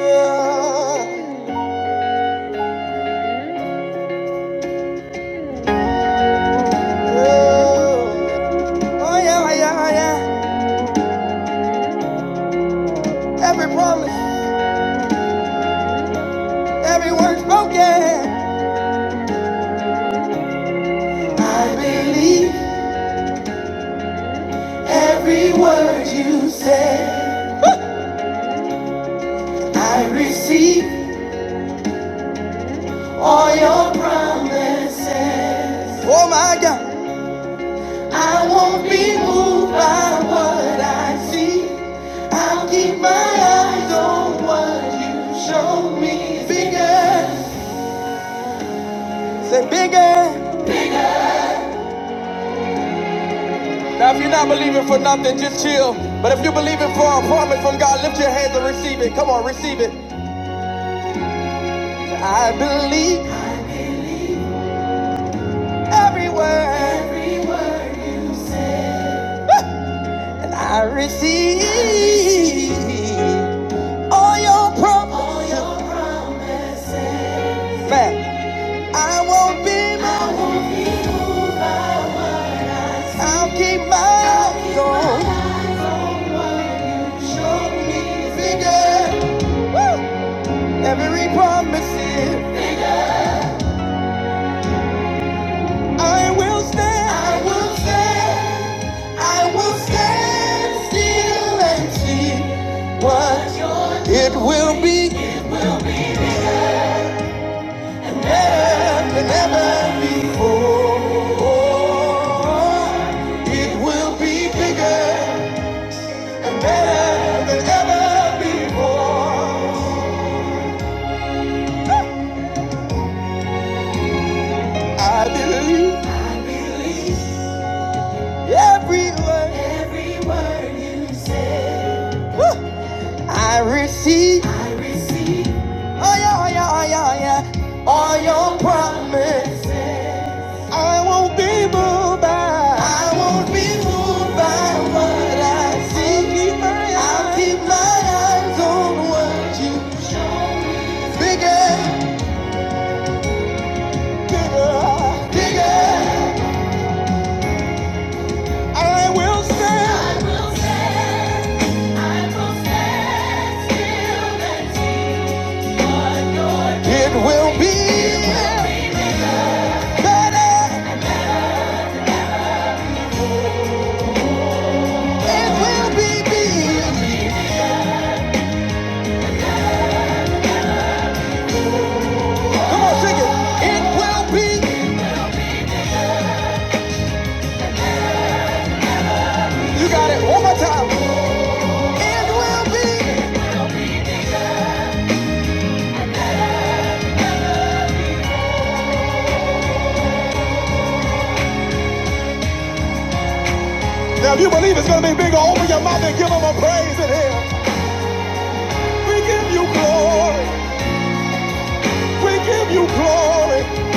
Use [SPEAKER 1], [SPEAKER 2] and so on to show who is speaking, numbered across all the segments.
[SPEAKER 1] Oh yeah, oh yeah, oh yeah. Every promise, every word spoken. I believe every word you said. I receive all your promises. Oh my God. I won't be moved by what I see. I'll keep my eyes on what you show me. Bigger. Say bigger. Now, if you're not believing for nothing, just chill. But if you're believing for a promise from God, lift your hands and receive it. Come on, receive it. I believe every word, and I receive all your promises. Man, I won't be moved. by what you I'll keep my eyes on Show me bigger. Woo! Every promise here, I will stand. I will stand. I will stand still and see what your- it will be better than ever before. It will be bigger and better than ever before. I believe. I believe every word. Every word you say. Woo! I receive. I receive. Oh yeah, oh yeah, oh yeah, oh yeah. All your promises. I won't be moved by. I won't be moved by what I see. I'll keep my eyes, I'll keep my eyes on what you bigger, bigger, bigger. I will stand. It will be better. It will be Come on, sing it. It will be. You got it. One more time. It will be. Now, if you believe it's going to be bigger, open your mouth and give them a praise in here. We give you glory. We give you glory.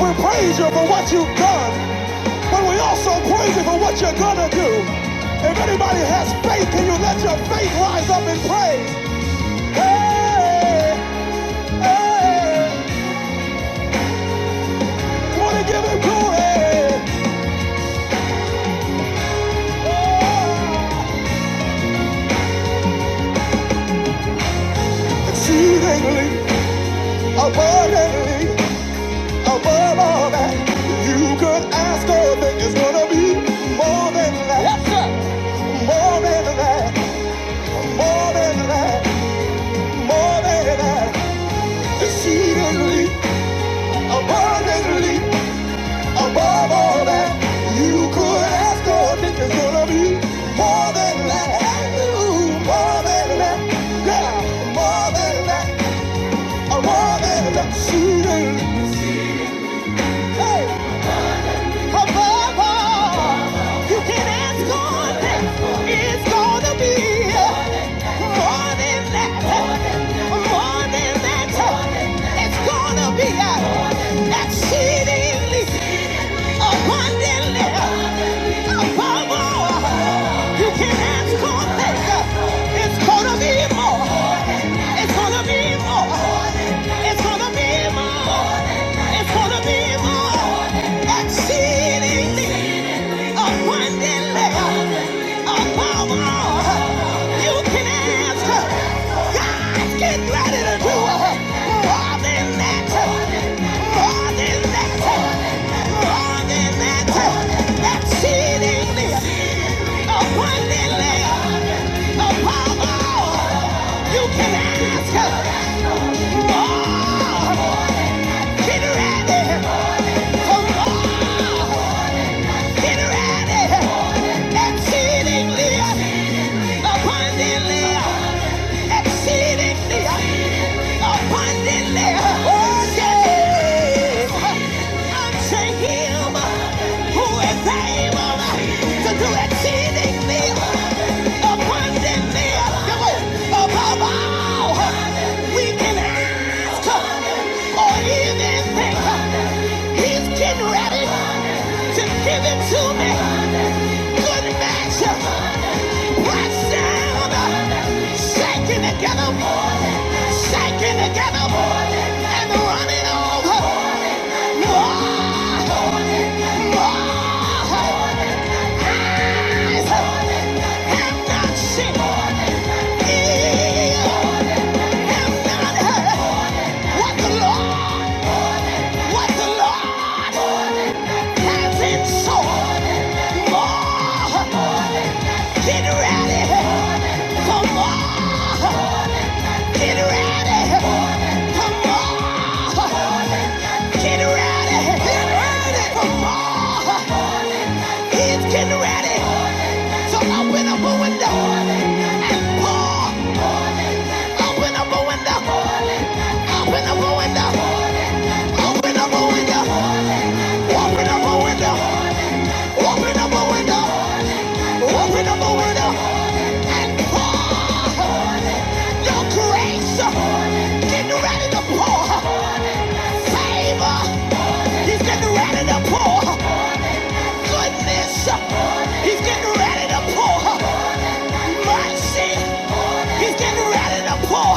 [SPEAKER 1] We praise you for what you've done. But we also praise you for what you're gonna do. If anybody has faith, can you let your faith rise up in praise? Hey, hey, wanna give him glory. Oh, exceedingly, abundantly, above all that you could ask or think is gonna be more than that. Yes, sir. More than that, more than that, more than that, exceedingly, abundantly. Above all that you could ask or think is gonna be more than that. Ooh, more than that. Yeah, more than that. Uh, More than that. Sweeter. Hey. above all you can ask God. It's gonna be more than that, more than that. It's gonna be exceedingly abundantly above all you can ask God. It's gonna be more. It's gonna be more. It's gonna be more. It's gonna be more exceedingly abundantly above all you can ask. God's getting ready to do more than that. More than that. More than that. Exceedingly abundantly above all you can ask. Oh! Get ready. Exceedingly, abundantly, exceedingly, abundantly. Oh, yeah. Unto him who is able to do exceedingly, abundantly. Come on. Above all, we can ask or even think. He's getting ready to give it to me. Good measure, pressed down, shaking together, shaking together, and running over. Get ready for more! Get ready. Come on. Get ready. Get ready. It's getting ready. So open up a window and pour. Open up a window. Open up a window. Open up a window. Open up a window. Open up a window. Open up a window. And pour your grace. Getting ready to pour favor. He's getting ready to pour goodness. He's getting ready to pour mercy. He's getting ready to pour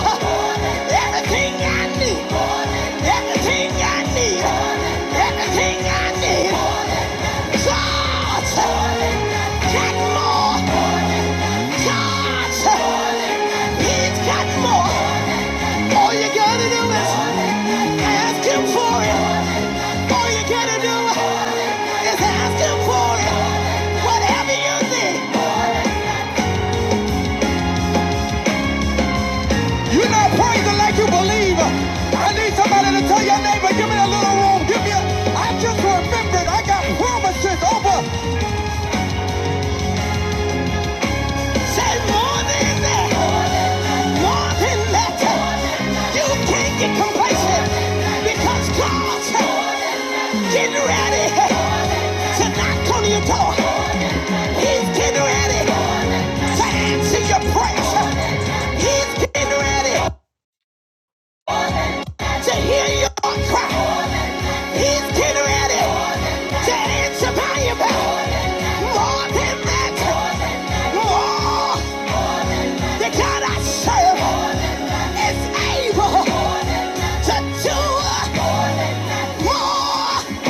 [SPEAKER 1] everything I need. Everything I need. Everything I need. Cause that more you are not praising like you believe. I need somebody to tell your neighbor, give me a little room. Give me a. I just remembered I got promises over. Say more than that. More than that, you can't get complacent because God's getting ready to knock on your He's getting ready to answer your prayers. He's getting ready to hear your cry. He's getting ready to answer by your back. More than that, more. The God I serve is able to do more.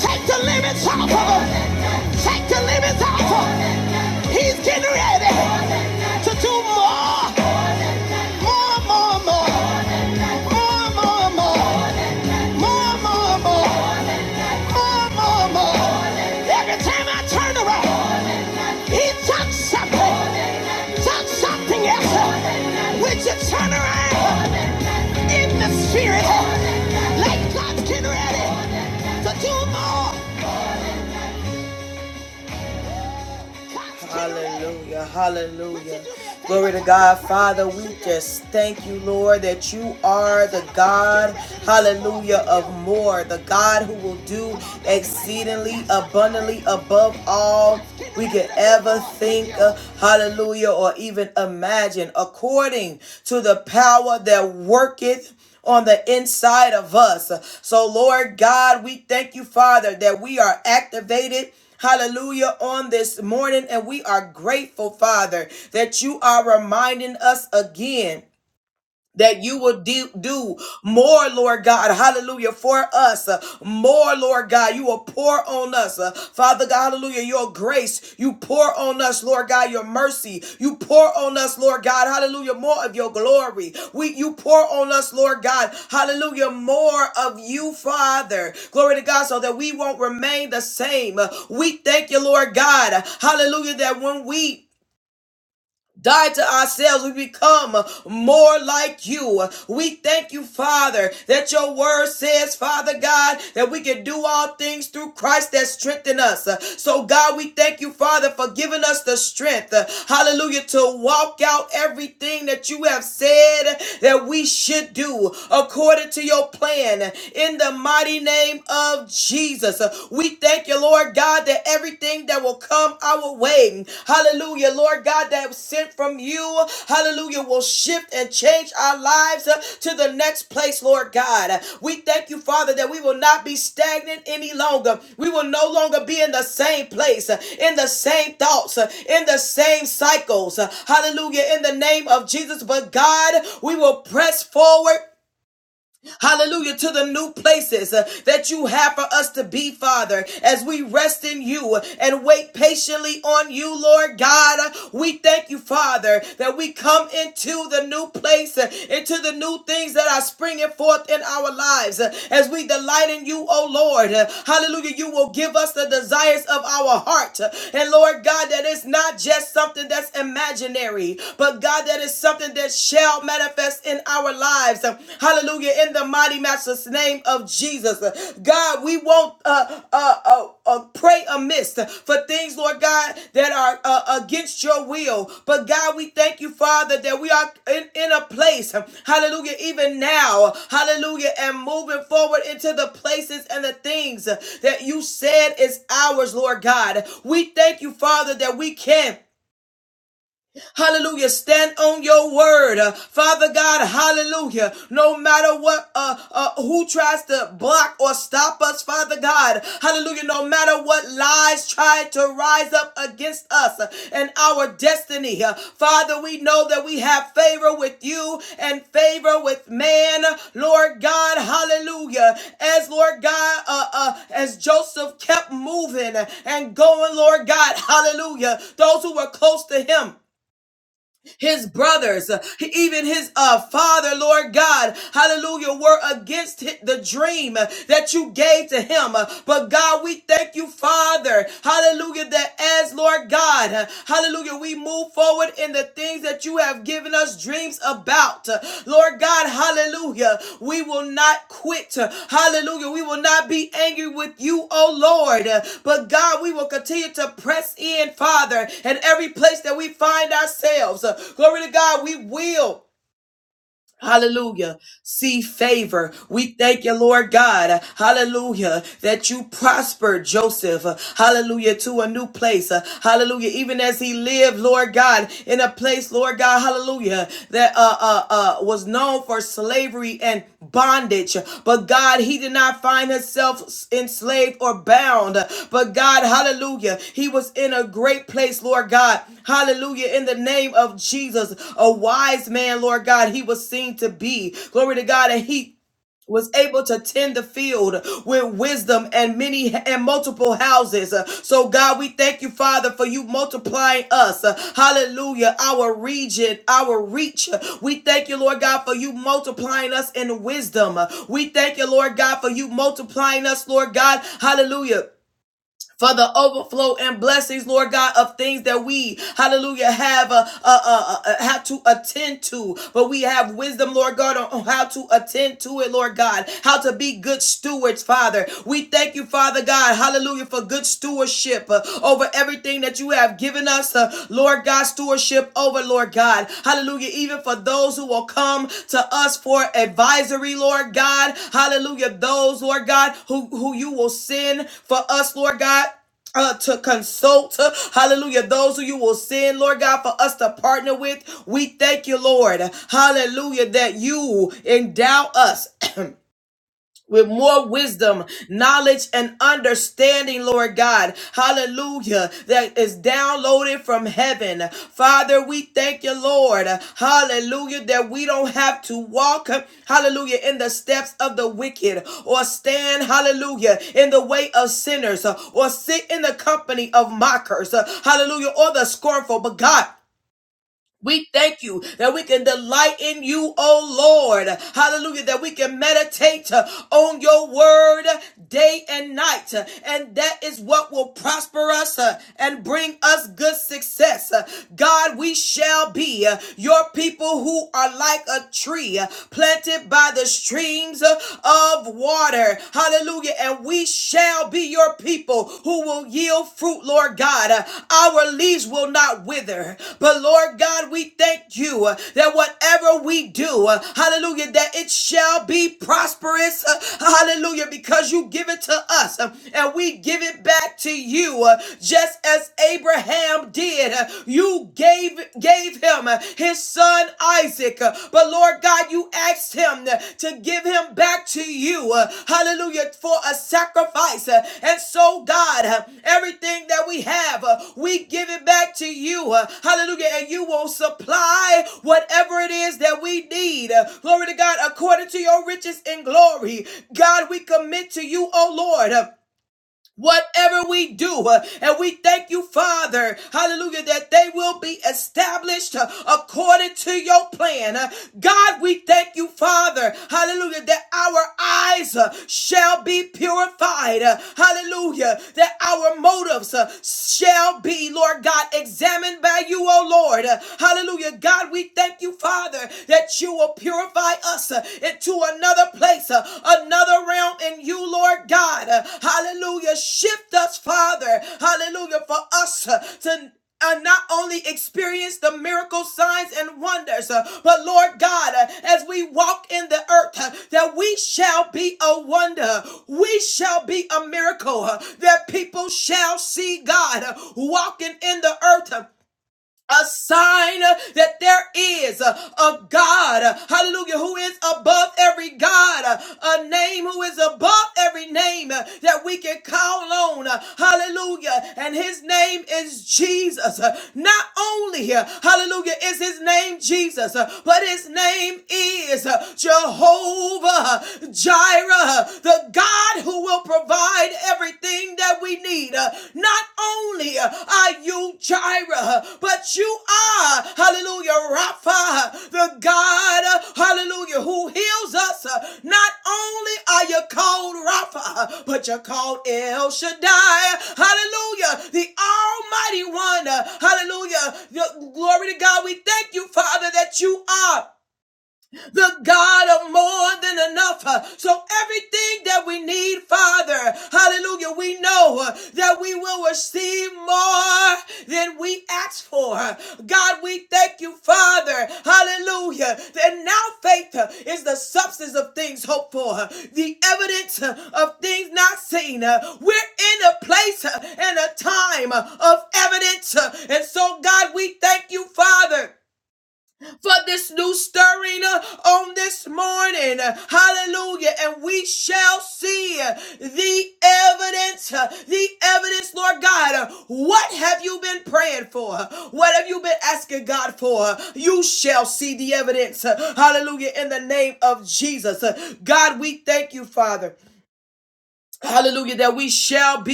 [SPEAKER 1] Take the limits off of him. Take the limits off of him. He's getting ready to do more. More, more, more. More, more, more. More, more, more. More, more, more. Every time I turn around, he talks something. Talks something else. Would you turn around in the spirit? Like God's getting ready to do more.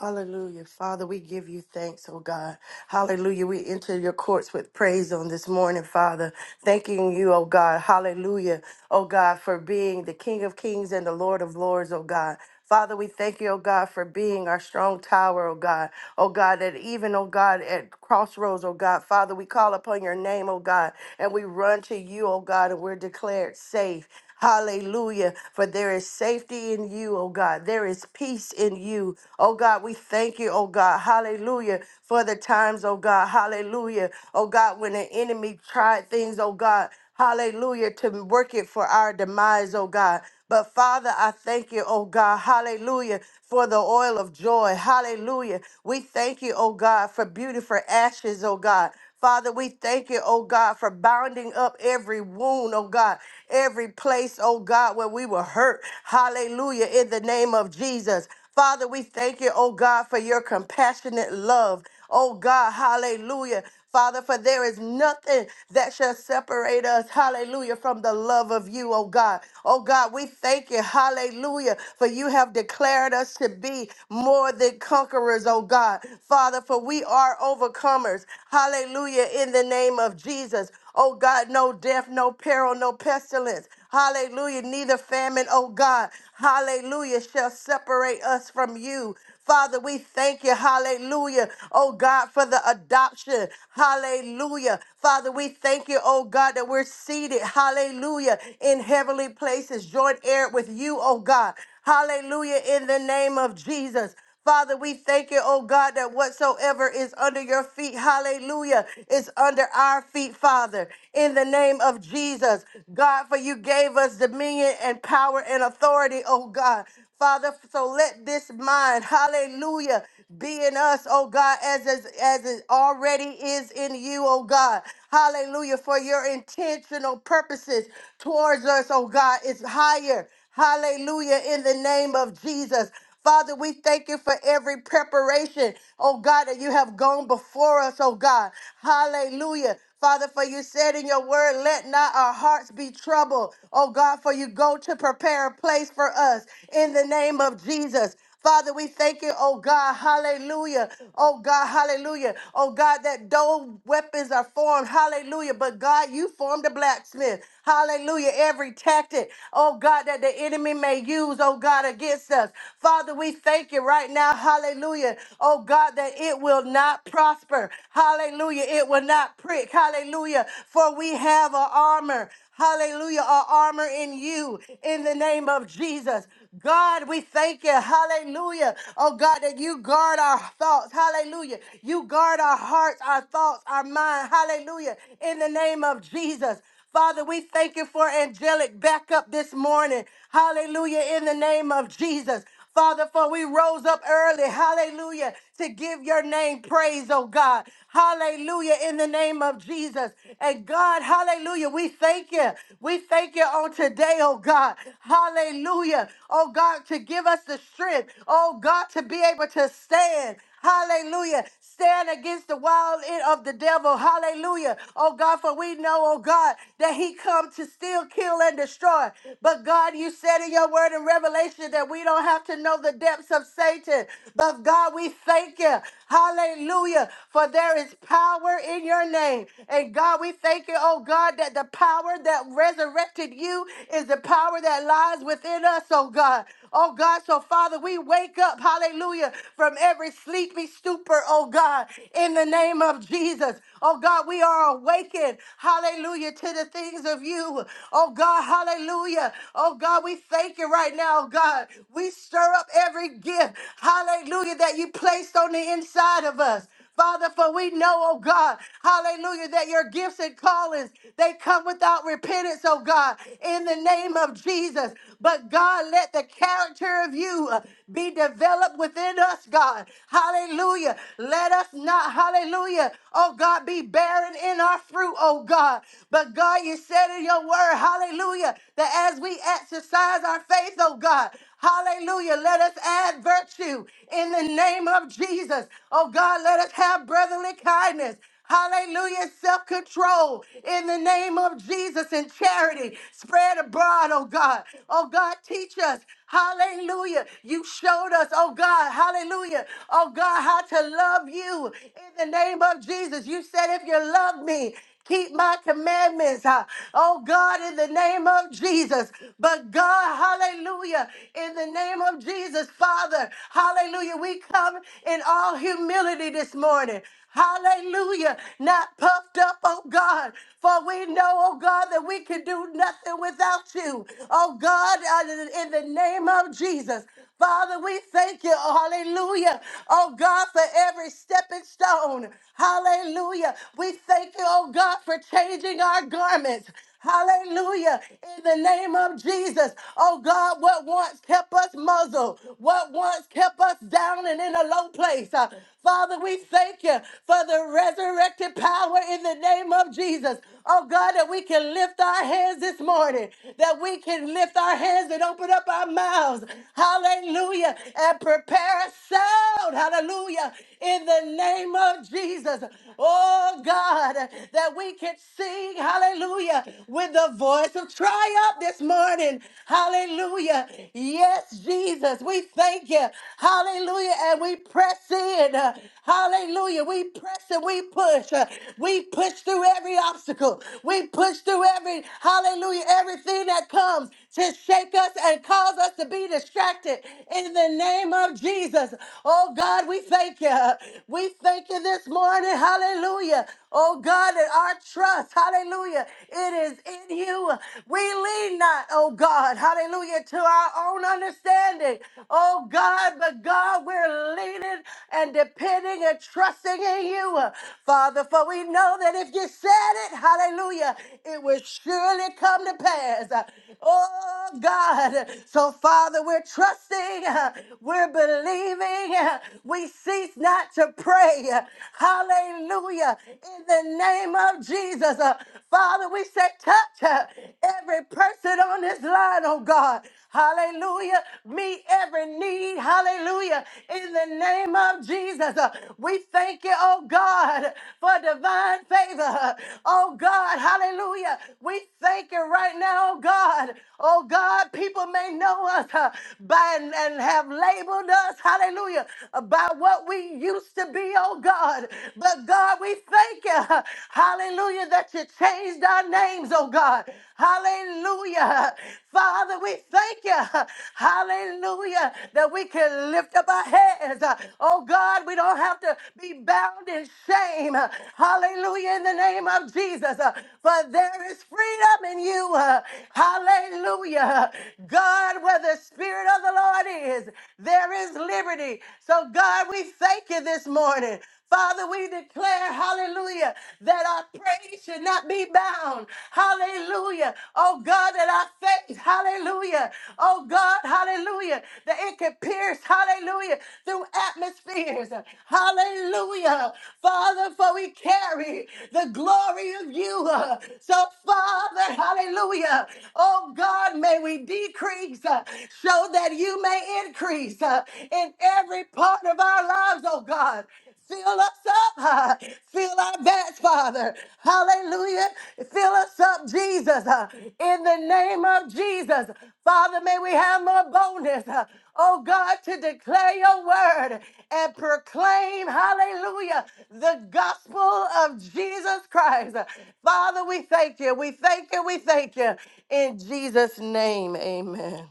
[SPEAKER 2] Hallelujah. Father, we give you thanks, oh God. Hallelujah. We enter your courts with praise on this morning, Father. Thanking you, oh God. Hallelujah. Oh God, for being the King of Kings and the Lord of Lords, oh God. Father, we thank you, oh God, for being our strong tower, oh God oh God, that even, oh God, at crossroads, oh God, Father, we call upon your name, oh God, and we run to you, oh God, and we're declared safe. Hallelujah. For there is safety in you, oh God. There is peace in you. Oh God, we thank you, oh God. Hallelujah. For the times, oh God. Hallelujah. Oh God, when the enemy tried things, oh God. Hallelujah. To work it for our demise, oh God. But Father, I thank you, oh God, hallelujah, for the oil of joy. Hallelujah. We thank you, oh God, for beautiful ashes, oh God. Father, we thank you, oh God, for bounding up every wound, oh God, every place, oh God, where we were hurt. Hallelujah, in the name of Jesus. Father, we thank you, oh God, for your compassionate love. Oh God, hallelujah. Father, for there is nothing that shall separate us, hallelujah, from the love of you, oh God. Oh God, we thank you, hallelujah, for you have declared us to be more than conquerors, oh God. Father, for we are overcomers, hallelujah, in the name of Jesus. Oh God, no death, no peril, no pestilence. Hallelujah. Neither famine, oh God. Hallelujah. Shall separate us from you. Father, we thank you. Hallelujah. Oh God, for the adoption. Hallelujah. Father, we thank you, oh God, that we're seated. Hallelujah. In heavenly places, joint heir with you, oh God. Hallelujah. In the name of Jesus. Father, we thank you, oh God, that whatsoever is under your feet, hallelujah, is under our feet, Father. In the name of Jesus, God, for you gave us dominion and power and authority, oh God. Father, so let this mind, hallelujah, be in us, oh God, as, as, as it already is in you, oh God. Hallelujah, for your intentional purposes towards us, oh God, is higher. Hallelujah, in the name of Jesus. Father, we thank you for every preparation, oh God, that you have gone before us, oh God. Hallelujah. Father, for you said in your word, let not our hearts be troubled. Oh God, for you go to prepare a place for us in the name of Jesus. Father, we thank you, oh God, hallelujah. Oh God, hallelujah. Oh God, that though weapons are formed, hallelujah. But God, you formed a blacksmith, hallelujah. Every tactic, oh God, that the enemy may use, oh God, against us. Father, we thank you right now, hallelujah. Oh God, that it will not prosper, hallelujah. It will not prick, hallelujah. For we have an armor, hallelujah, our armor in you in the name of Jesus. God, we thank you. Hallelujah. Oh God, that you guard our thoughts. Hallelujah. You guard our hearts, our thoughts, our mind. Hallelujah. In the name of Jesus. Father, we thank you for angelic backup this morning. Hallelujah. In the name of Jesus. Father, for we rose up early, hallelujah, to give your name praise, oh God. Hallelujah, in the name of Jesus. And God, hallelujah, we thank you. We thank you on today, oh God. Hallelujah, oh God, to give us the strength strength, oh God, to be able to stand. Hallelujah. Stand against the wild end of the devil. Hallelujah. Oh God, for we know, oh God, that he come to steal, kill, and destroy. But God, you said in your word in Revelation that we don't have to know the depths of Satan. But God, we thank you. Hallelujah. For there is power in your name. And God, we thank you, oh God, that the power that resurrected you is the power that lies within us, oh God. Oh God, so Father. Father, we wake up, hallelujah, from every sleepy stupor, oh God, in the name of Jesus. Oh God, we are awakened, hallelujah, to the things of you. Oh God, hallelujah. Oh God, we thank you right now, oh God. We stir up every gift, hallelujah, that you placed on the inside of us. Father, for we know, oh God, hallelujah, that your gifts and callings, they come without repentance, oh God, in the name of Jesus. But God, let the character of you uh, be developed within us, God. Hallelujah. Let us not, hallelujah, oh God, be barren in our fruit, oh God. But God, you said in your word, hallelujah, that as we exercise our faith, oh God, Hallelujah. Let us add virtue in the name of Jesus. Oh God, let us have brotherly kindness. Hallelujah. Self control in the name of Jesus and charity spread abroad, oh God. Oh God, teach us. Hallelujah. You showed us, oh God. Hallelujah. Oh God, how to love you in the name of Jesus. You said, if you love me, Keep my commandments, uh, oh God, in the name of Jesus. But God, hallelujah, in the name of Jesus, Father, hallelujah, we come in all humility this morning. Hallelujah. Not puffed up, oh God. For we know, oh God, that we can do nothing without you. Oh God, uh, in the name of Jesus. Father, we thank you. Hallelujah. Oh God, for every stepping stone. Hallelujah. We thank you, oh God, for changing our garments. Hallelujah. In the name of Jesus. Oh God, what once kept us muzzled, what once kept us down and in a low place. Uh, Father, we thank you for the resurrected power in the name of Jesus. Oh God, that we can lift our hands this morning, that we can lift our hands and open up our mouths. Hallelujah. And prepare a sound. Hallelujah. In the name of Jesus. Jesus, oh God, that we can sing, hallelujah, with the voice of triumph this morning. Hallelujah. Yes, Jesus, we thank you. Hallelujah. And we press in. Hallelujah. We press and we push. We push through every obstacle. We push through every, hallelujah, everything that comes to shake us and cause us to be distracted in the name of Jesus. Oh God, we thank you. We we thank you this morning, hallelujah. Oh God, that our trust, hallelujah, it is in you. We lean not, oh God, hallelujah, to our own understanding. Oh God, but God, we're leaning and depending and trusting in you, Father, for we know that if you said it, hallelujah, it will surely come to pass. Oh God, so Father, we're trusting, we're believing, we cease not to pray. Hallelujah. In the name of Jesus. Uh, Father, we say, touch uh, every person on this line, oh God. Hallelujah. Meet every need. Hallelujah. In the name of Jesus. Uh, we thank you, oh God, for divine favor. Oh God. Hallelujah. We thank you right now, oh God. Oh God, people may know us uh, by and and have labeled us. Hallelujah hallelujah, about what we used to be, oh God. But God, we thank you, hallelujah, that you changed our names, oh God. Hallelujah. Father, we thank you, hallelujah, that we can lift up our heads. Oh God, we don't have to be bound in shame. Hallelujah, in the name of Jesus. For there is freedom in you. Hallelujah. God, where the Spirit of the Lord is, there is liberty. So, God, we thank you this morning. Father, we declare, hallelujah, that our praise should not be bound. Hallelujah. Oh, God, that our faith, hallelujah. Oh, God, hallelujah, that it can pierce, hallelujah, through atmospheres. Hallelujah. Father, for we carry the glory of you. So, Father, hallelujah. Oh, God, may we decrease uh, so that that you may increase uh, in every part of our lives, oh God. Fill us up, uh, fill our vats, Father. Hallelujah. Fill us up, Jesus, uh, in the name of Jesus. Father, may we have more boldness, uh, oh God, to declare your word and proclaim, hallelujah, the gospel of Jesus Christ. Father, we thank you. We thank you. We thank you. In Jesus' name, amen.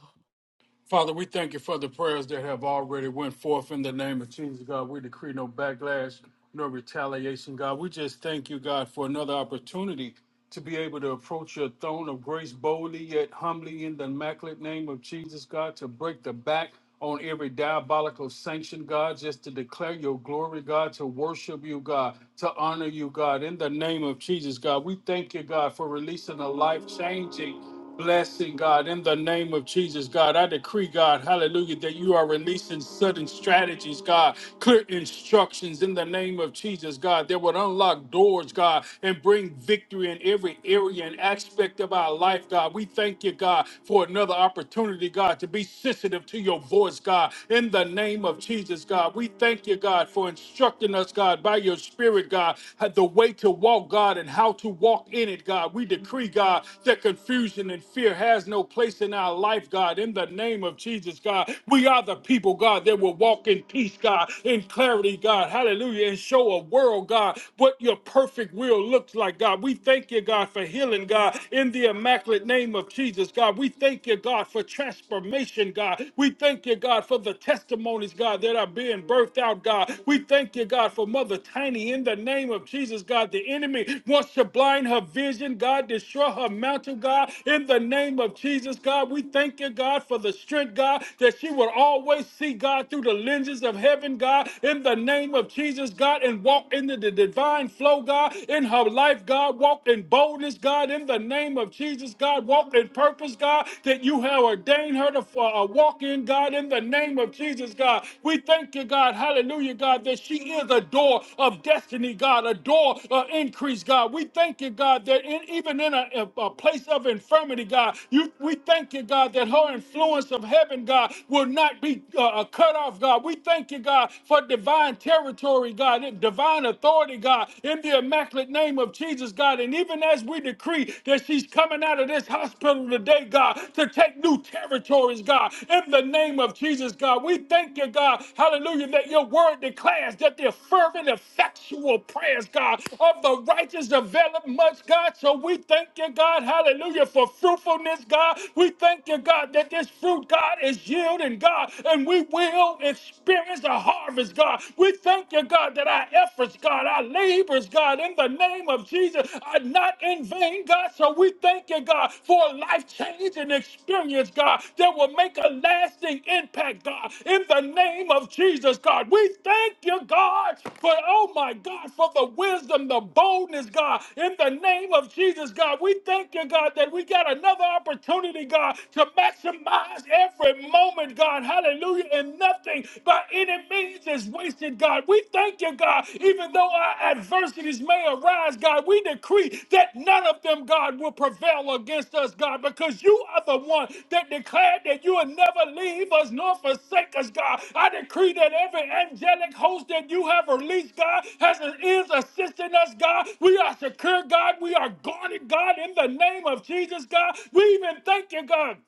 [SPEAKER 3] Father, we thank you for the prayers that have already went forth in the name of Jesus, God. We decree no backlash, no retaliation, God. We just thank you, God, for another opportunity to be able to approach your throne of grace boldly yet humbly in the immaculate name of Jesus, God, to break the back on every diabolical sanction, God, just to declare your glory, God, to worship you, God, to honor you, God, in the name of Jesus, God. We thank you, God, for releasing a life changing Blessing, God, in the name of Jesus, God, I decree, God, hallelujah, that you are releasing sudden strategies, God, clear instructions in the name of Jesus, God, that would unlock doors, God, and bring victory in every area and aspect of our life, God. We thank you, God, for another opportunity, God, to be sensitive to your voice, God, in the name of Jesus, God. We thank you, God, for instructing us, God, by your spirit, God, the way to walk walk, God, and how to walk in it, God. We decree, God, that confusion and fear has no place in our life, God. In the name of Jesus, God, we are the people, God, that will walk in peace, God, in clarity, God. Hallelujah. And show a world, God, what your perfect will looks like, God. We thank you, God, for healing, God, in the immaculate name of Jesus, God. We thank you, God, for transformation, God. We thank you, God, for the testimonies, God, that are being birthed out out, God. We thank you, God, for Mother Tiny in the name of Jesus, God. The enemy wants to blind her vision, God, destroy her mantle, God, in the name of Jesus, God. We thank you, God, for the strength, God, that she will always see, God, through the lenses of heaven, God, in the name of Jesus, God, and walk into the divine flow, God, in her life, God. Walk in boldness, God, in the name of Jesus, God. Walk in purpose, God, that you have ordained her to fulfill for a walk in, God, in the name of Jesus, God. We thank you, God, hallelujah, God, that she is a door of destiny, God, a door of increase, God. We thank you, God, that in, even in a, a- place of infirmity, God, you, we thank you, God, that her influence of heaven, God, will not be uh, uh, cut off, God. We thank you, God, for divine territory, God, and divine authority, God, in the immaculate name of Jesus, God. And even as we decree that she's coming out of this hospital today, God, to take new territories, God. In the name of Jesus, God, we thank you, God. Hallelujah, that your word declares that the fervent, effectual prayers, God, of the righteous develop much, God. So we thank you, God. Hallelujah, for fruitfulness, God. We thank you, God, that this fruit, God, is yielding, God, and we will experience a harvest, God. We thank you, God, that our efforts, God, our labors, God, in the name of Jesus are not in vain, God. So we thank you, God, for a life changing experience, God, that will make a lasting impact, God, in the name of Jesus, God. We thank you, God, for, oh my God, for the wisdom, the boldness, God, in the name of Jesus, God. We thank you, God, that we got another opportunity, God, to maximize every moment, God. Hallelujah. And nothing by any means that's wasted, God. We thank you, God, even though our adversities may arise, God. We decree that none of them, God, will prevail against us, God, because you are the one that declared that you will never leave us nor forsake us, God. I decree that every angelic host that you have released, God, has is assisting us, God. We are secure, God. We are guarded, God, in the name of Jesus, God. We even thank you, God.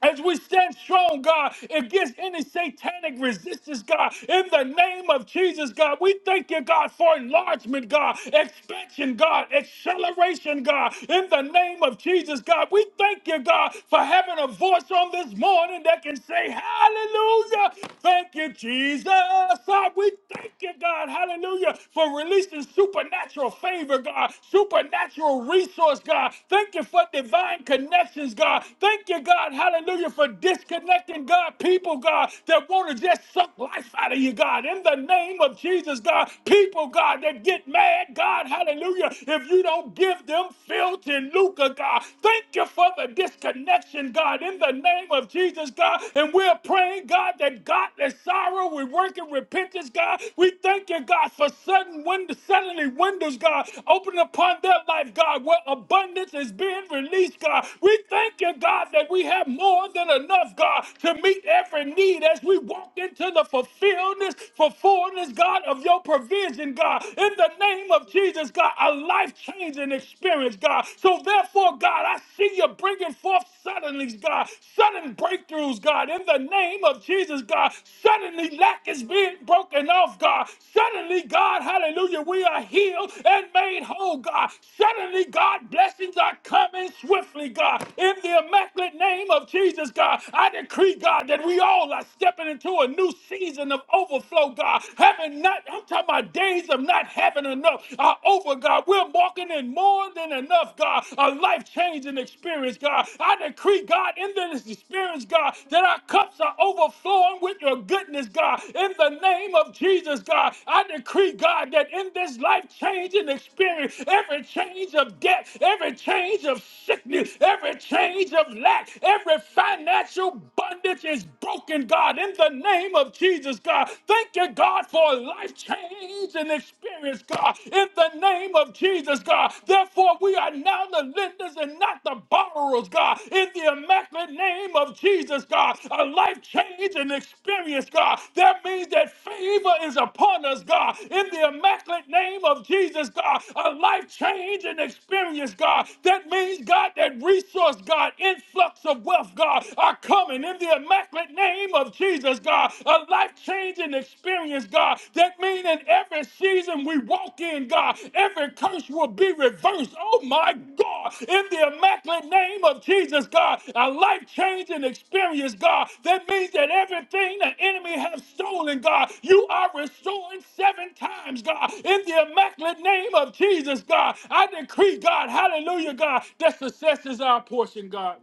[SPEAKER 3] As we stand strong, God, against any satanic resistance, God, in the name of Jesus, God, we thank you, God, for enlargement, God, expansion, God, acceleration, God, in the name of Jesus, God. We thank you, God, for having a voice on this morning that can say, Hallelujah. Thank you, Jesus. God, we thank you, God, hallelujah, for releasing supernatural favor, God, supernatural resource, God. Thank you for divine connections, God. Thank you, God, Hallelujah. For disconnecting, God, people, God, that want to just suck life out of you, God. In the name of Jesus, God, people, God, that get mad, God, hallelujah. If you don't give them filth and lucre, God, thank you for the disconnection, God. In the name of Jesus, God. And we're praying, God, that godless sorrow, we work in repentance, God. We thank you, God, for sudden windows, suddenly windows, God, open upon their life, God, where abundance is being released, God. We thank you, God, that we have have more than enough, God, to meet every need as we walk into the fulfillment, fulfillment, God, of your provision, God. In the name of Jesus, God, a life changing experience, God. So therefore, God, I see you bringing forth suddenly, God, sudden breakthroughs, God. In the name of Jesus, God, suddenly lack is being broken off, God. Suddenly, God, hallelujah, we are healed and made whole, God. Suddenly, God, blessings are coming swiftly, God. In the immaculate name name of Jesus, God, I decree, God, that we all are stepping into a new season of overflow, God. Having not, I'm talking about days of not having enough are over, God. We're walking in more than enough, God. A life changing experience, God. I decree, God, in this experience, God, that our cups are overflowing with your goodness, God. In the name of Jesus, God, I decree, God, that in this life changing experience, every change of debt, every change of sickness, every change of lack, back. Every financial bondage is broken, God, in the name of Jesus, God. Thank you, God, for a life change and experience, God, in the name of Jesus, God. Therefore, we are now the lenders and not the borrowers, God, in the immaculate name of Jesus, God. A life change and experience, God. That means that favor is upon us, God, in the immaculate name of Jesus, God. A life change and experience, God. That means, God, that resource, God, influence, influx of wealth, God, are coming in the immaculate name of Jesus, God. A life changing experience, God. That means in every season we walk in, God, every curse will be reversed. Oh my God, in the immaculate name of Jesus, God. A life changing experience, God. That means that everything the enemy has stolen, God, you are restoring seven times, God. In the immaculate name of Jesus, God, I decree, God, hallelujah, God, that success is our portion, God.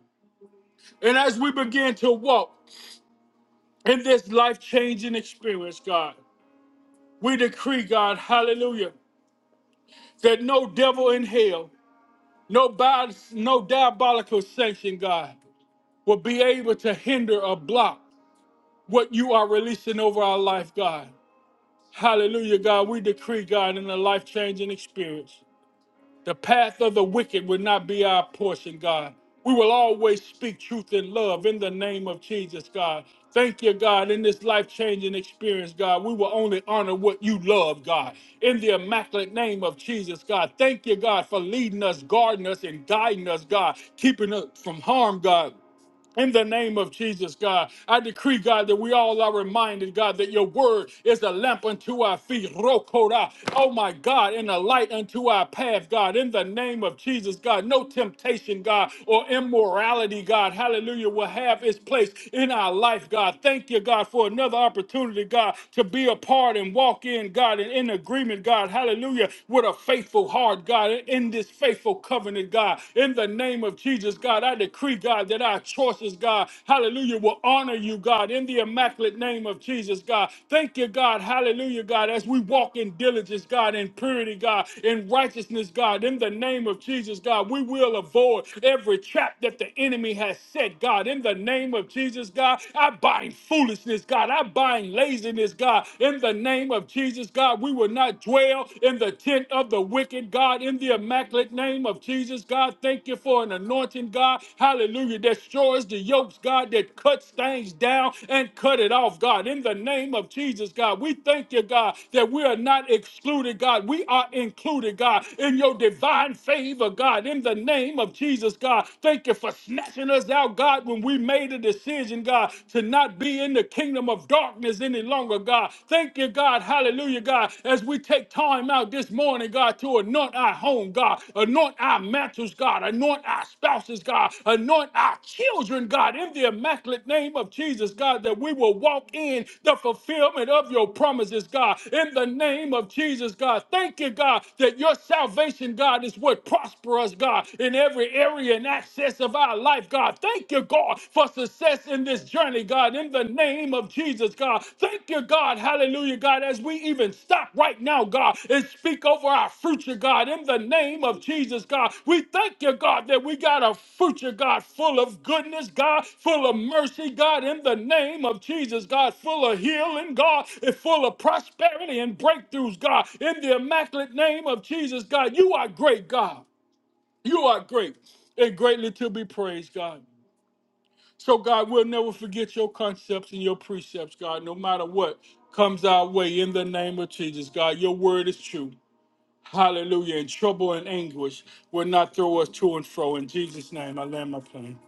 [SPEAKER 3] And as we begin to walk in this life changing experience, God, we decree, God, hallelujah, that no devil in hell, no, bi- no diabolical sanction, God, will be able to hinder or block what you are releasing over our life, God. Hallelujah, God. We decree, God, in the life changing experience. The path of the wicked will not be our portion, God. We will always speak truth in love in the name of Jesus, God. Thank you, God, in this life changing experience, God. We will only honor what you love, God, in the immaculate name of Jesus, God. Thank you, God, for leading us, guarding us, and guiding us, God, keeping us from harm, God in the name of Jesus, God, I decree, God, that we all are reminded, God, that your word is a lamp unto our feet, Rokora, oh my God, and a light unto our path, God. In the name of Jesus, God, no temptation, God, or immorality, God, hallelujah, will have its place in our life, God. Thank you, God, for another opportunity, God, to be a part and walk in, God, and in agreement, God, hallelujah, with a faithful heart, God, in this faithful covenant covenant, God. In the name of Jesus, God, I decree, God, that our choices, God, hallelujah, will honor you, God, in the immaculate name of Jesus, God. Thank you, God, hallelujah, God, as we walk in diligence, God, in purity, God, in righteousness, God, in the name of Jesus, God, we will avoid every trap that the enemy has set, God, in the name of Jesus, God. I bind foolishness, God. I bind laziness, God, in the name of Jesus, God. We will not dwell in the tent of the wicked, God, in the immaculate name of Jesus, God. Thank you for an anointing, God. Hallelujah. That destroys the yokes, God, that cuts things down and cut it off, God. In the name of Jesus, God, we thank you, God, that we are not excluded, God. We are included, God, in your divine favor, God. In the name of Jesus, God, thank you for snatching us out, God, when we made a decision, God, to not be in the kingdom of darkness of darkness any longer, God. Thank you, God. Hallelujah, God. As we take time out this morning, God, to anoint our home, God, anoint our mantles, God, anoint our spouses, God, anoint our children, God, in the immaculate name of Jesus, God, that we will walk in the fulfillment of your promises, God, in the name of Jesus, God. Thank you, God, that your salvation, God, is what prosper us, God, in every area and access of our life, God. Thank Thank you, God, for success in this journey, God, in the name of Jesus, God. Thank you, God. Hallelujah, God, as we even stop right now, God, and speak over our future, God, in the name of Jesus, God. We thank you, God, that we got a future, God, full of goodness, God, full of mercy, God, in the name of Jesus, God, full of healing, God, and full of prosperity and breakthroughs, God, in the immaculate name of Jesus, God. You are great, God. You are great and greatly to be praised, God. So, God, we'll never forget your concepts and your precepts, God, no matter what comes our way in the name of Jesus, God. Your word is true. Hallelujah. And trouble and anguish will not throw us to and fro. In Jesus' name, I land my plane.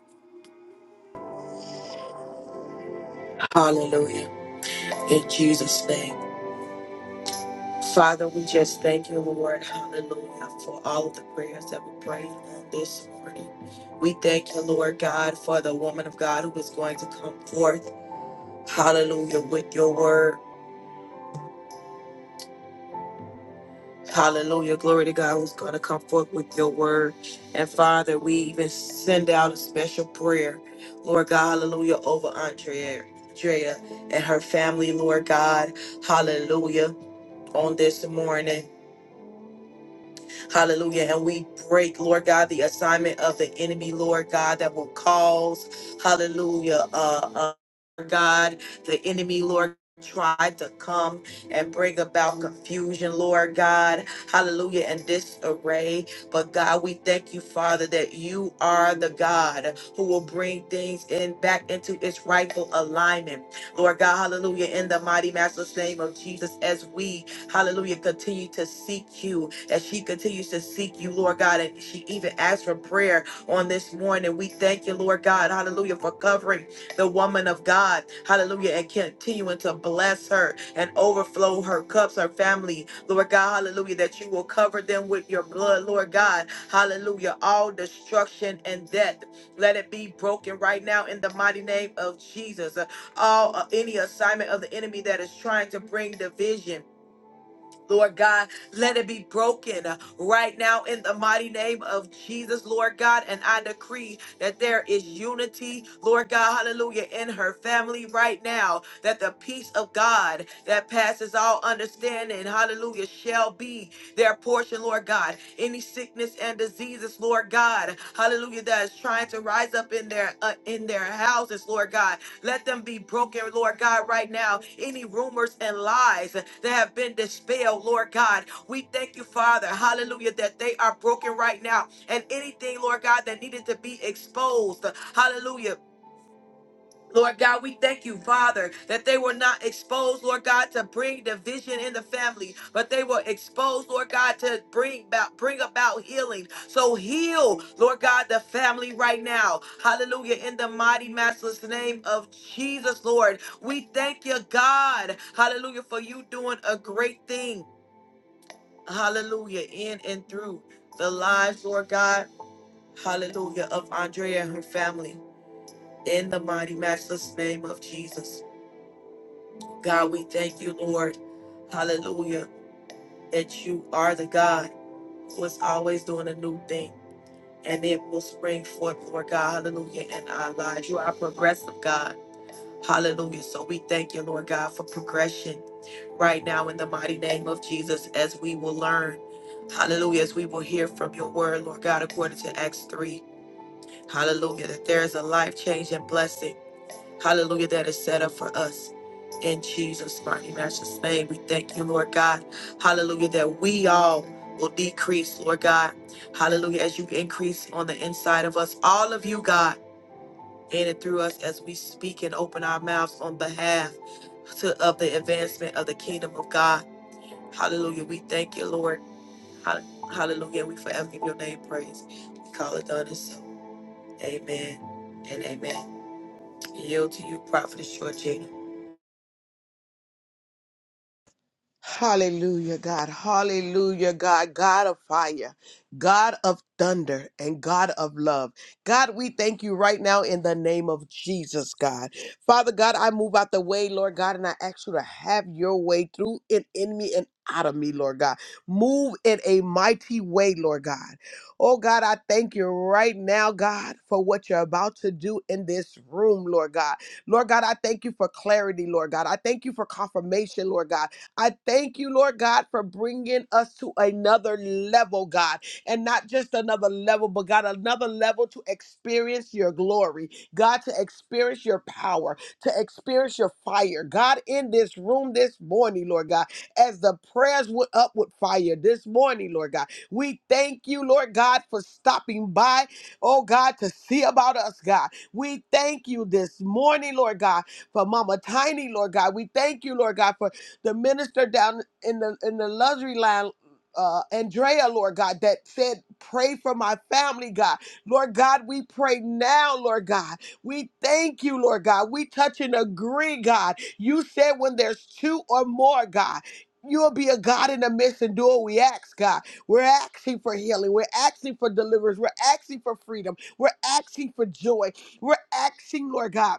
[SPEAKER 4] Hallelujah, God. Hallelujah, God. God of fire, God of thunder, and God of love. God, we thank you right now in the name of Jesus, God. Father God, I move out the way, Lord God, and I ask you to have your way through and in me and out of me, Lord God. Move in a mighty way, Lord God. Oh God, I thank you right now, God, for what you're about to do in this room, Lord God. Lord God, I thank you for clarity, Lord God. I thank you for confirmation, Lord God. I thank you, Lord God, for bringing us to another level, God, and not just another level, but God, another level to experience your glory, God, to experience your power, to experience your fire, God, in this room this morning, Lord God, as the prayers went up with fire this morning, Lord God. We thank you, Lord God, for stopping by, oh God, to see about us, God. We thank you this morning, Lord God, for Mama Tiny, Lord God. We thank you, Lord God, for the minister down in the in the luxury line. Uh, Andrea, Lord God, that said, Pray for my family, God. Lord God, we pray now, Lord God. We thank you, Lord God. We touch and agree, God. You said when there's two or more, God, you'll be a God in the midst and do what we ask, God. We're asking for healing. We're asking for deliverance. We're asking for freedom. We're asking for joy. We're asking, Lord God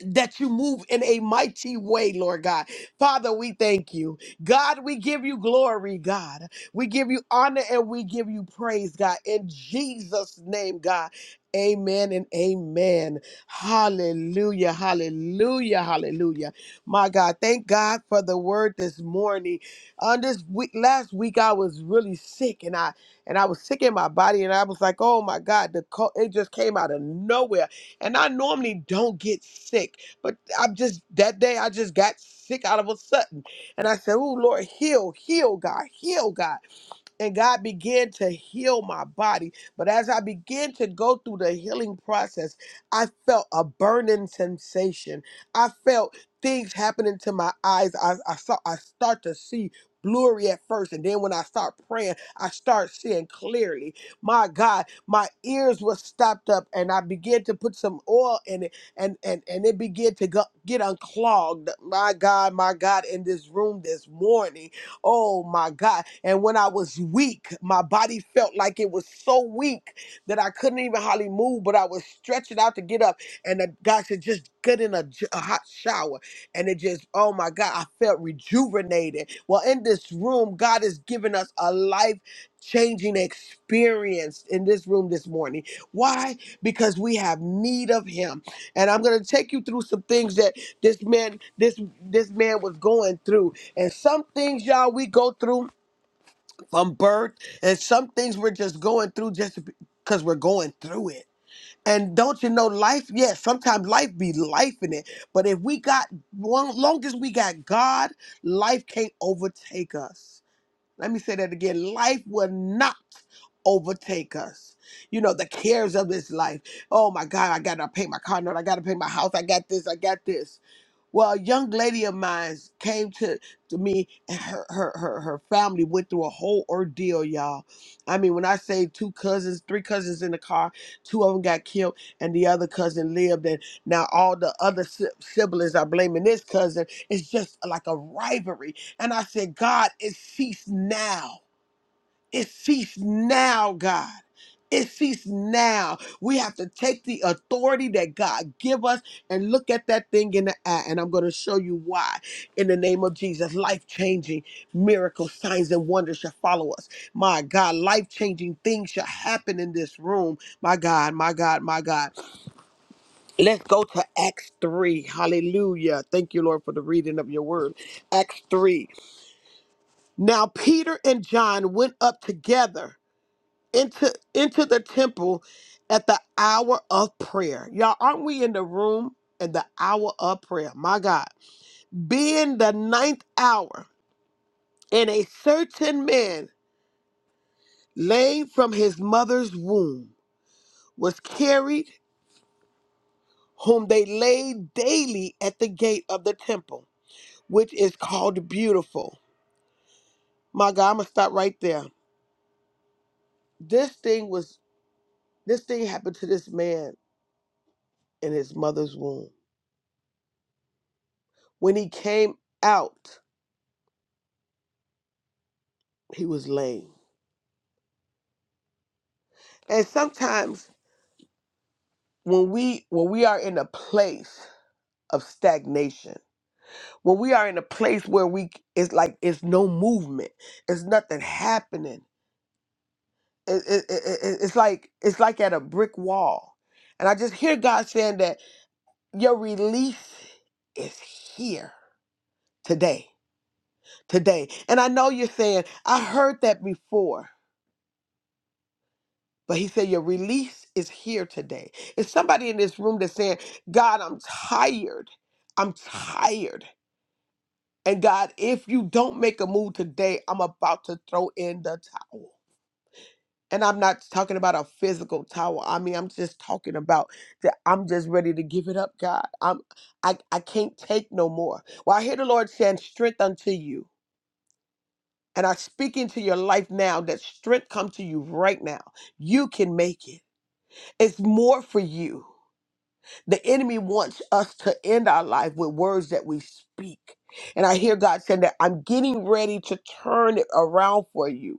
[SPEAKER 4] that you move in a mighty way, Lord God. Father, we thank you. God, we give you glory, God. We give you honor and we give you praise, God. In Jesus' name, God. Amen and amen. Hallelujah, hallelujah, hallelujah. My God, thank God for the word this morning. On this week, last week, I was really sick and I and I was sick in my body and I was like, oh my God, the co- it just came out of nowhere and I normally don't get sick, but I'm just, that day I just got sick out of a sudden. And I said, Oh, Lord, heal, heal, God, heal, God and God began to heal my body. But as I began to go through the healing process, I felt a burning sensation. I felt things happening to my eyes. I, I saw I start to see blurry at first and then when I start praying I start seeing clearly my God my ears were stopped up and I began to put some oil in it and and and it began to go, get unclogged my God my God in this room this morning Oh my God. And when I was weak, my body felt like it was so weak that I couldn't even hardly move, but I was stretching out to get up. And the, God said, just get in a, j- a hot shower. And it just, oh my God, I felt rejuvenated. Well, in this room, God has given us a life changing experience in this room this morning. Why? Because we have need of Him. And I'm going to take you through some things that this man, this this man was going through and some things, y'all, we go through from birth, and some things we're just going through just because we're going through it. And don't you know, life? Yes, sometimes life be life in it. But if we got, long, long as we got God, life can't overtake us. Let me say that again: life will not overtake us. You know, the cares of this life. Oh my God, I gotta pay my car note. I gotta pay my house. I got this. I got this well, a young lady of mine came to, to me and her, her, her, her family went through a whole ordeal, y'all. I mean, when I say two cousins, three cousins in the car, two of them got killed and the other cousin lived. And now all the other si- siblings are blaming this cousin. It's just like a rivalry. And I said, God, it ceased now. It ceased now, God. It ceased now. We have to take the authority that God give us and look at that thing in the eye. And I'm going to show you why. In the name of Jesus, life-changing miracles, signs, and wonders shall follow us. My God, life-changing things shall happen in this room. My God, my God, my God. Let's go to Acts 3. Hallelujah. Thank you, Lord, for the reading of your word. Acts 3. Now Peter and John went up together into into the temple at the hour of prayer. Y'all, aren't we in the room at the hour of prayer? My God. Being the ninth hour, and a certain man lame from his mother's womb was carried, whom they laid daily at the gate of the temple, which is called beautiful. My God, I'm gonna stop right there. This thing was this thing happened to this man in his mother's womb. When he came out, he was lame. And sometimes when we when we are in a place of stagnation, when we are in a place where we it's like it's no movement, it's nothing happening. It, it, it, it- it's like it's like at a brick wall. And I just hear God saying that your release is here today. Today. And I know you're saying, I heard that before But he said, Your release is here today. It's somebody in this room that's saying, God, I'm tired. I'm tired. And God, if you don't make a move today, I'm about to throw in the towel. And I'm not talking about a physical towel. I mean, I'm just talking about that I'm just ready to give it up, God. I'm I, I can't take no more. Well, I hear the Lord saying, strength unto you. And I speak into your life now that strength come to you right now. You can make it. It's more for you. The enemy wants us to end our life with words that we speak. And I hear God saying that I'm getting ready to turn it around for you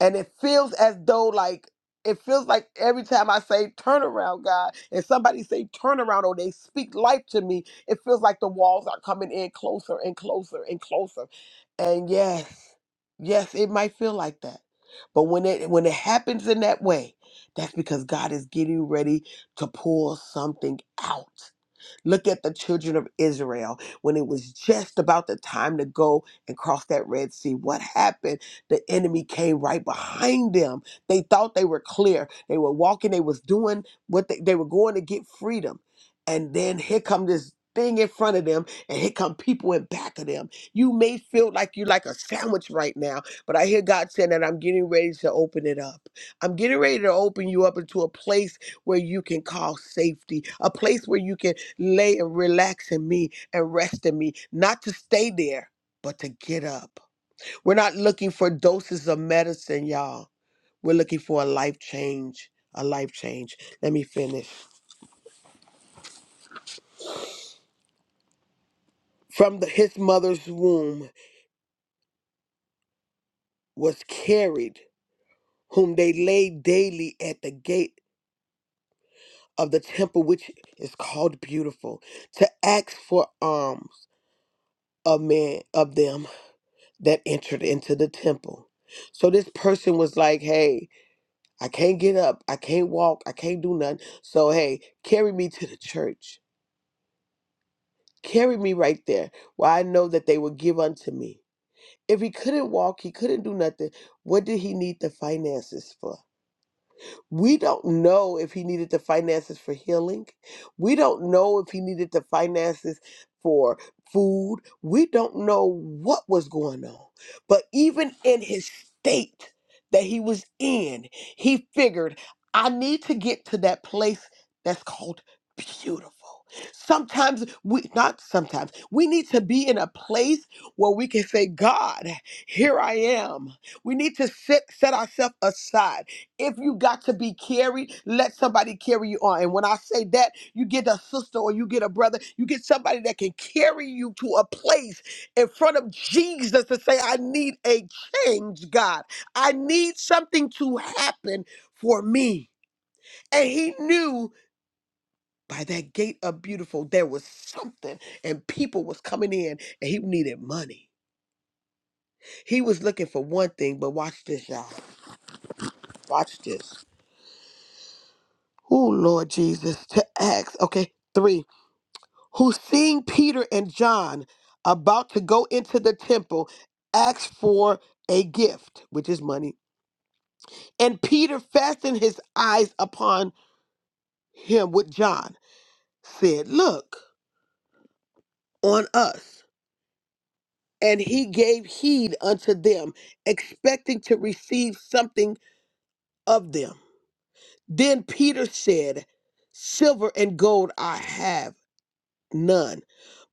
[SPEAKER 4] and it feels as though like it feels like every time I say turnaround, God, and somebody say turnaround or they speak life to me, it feels like the walls are coming in closer and closer and closer. And yes, yes, it might feel like that. But when it when it happens in that way, that's because God is getting ready to pull something out. Look at the children of Israel when it was just about the time to go and cross that Red Sea. What happened? The enemy came right behind them. They thought they were clear. They were walking, they was doing what they, they were going to get freedom. And then here come this thing in front of them and here come people in back of them. You may feel like you like a sandwich right now, but I hear God saying that I'm getting ready to open it up. I'm getting ready to open you up into a place where you can call safety, a place where you can lay and relax in me and rest in me, not to stay there, but to get up. We're not looking for doses of medicine, y'all. We're looking for a life change, a life change. Let me finish. From the, his mother's womb was carried, whom they laid daily at the gate of the temple, which is called beautiful, to ask for alms of men of them that entered into the temple. So this person was like, hey, I can't get up. I can't walk. I can't do nothing. So, hey, carry me to the church. Carry me right there where I know that they will give unto me. If he couldn't walk, he couldn't do nothing. What did he need the finances for? We don't know if he needed the finances for healing. We don't know if he needed the finances for food. We don't know what was going on. But even in his state that he was in, he figured, I need to get to that place that's called beautiful. Sometimes we, not sometimes, we need to be in a place where we can say, God, here I am. We need to set, set ourselves aside. If you got to be carried, let somebody carry you on. And when I say that, you get a sister or you get a brother, you get somebody that can carry you to a place in front of Jesus to say, I need a change, God. I need something to happen for me. And he knew by that gate of beautiful, there was something, and people was coming in, and he needed money. He was looking for one thing, but watch this, y'all. Watch this. Oh, Lord Jesus, to ask. Okay, three. who seeing Peter and John about to go into the temple, asked for a gift, which is money. And Peter fastened his eyes upon him with John, said, Look on us. And he gave heed unto them, expecting to receive something of them. Then Peter said, Silver and gold I have none,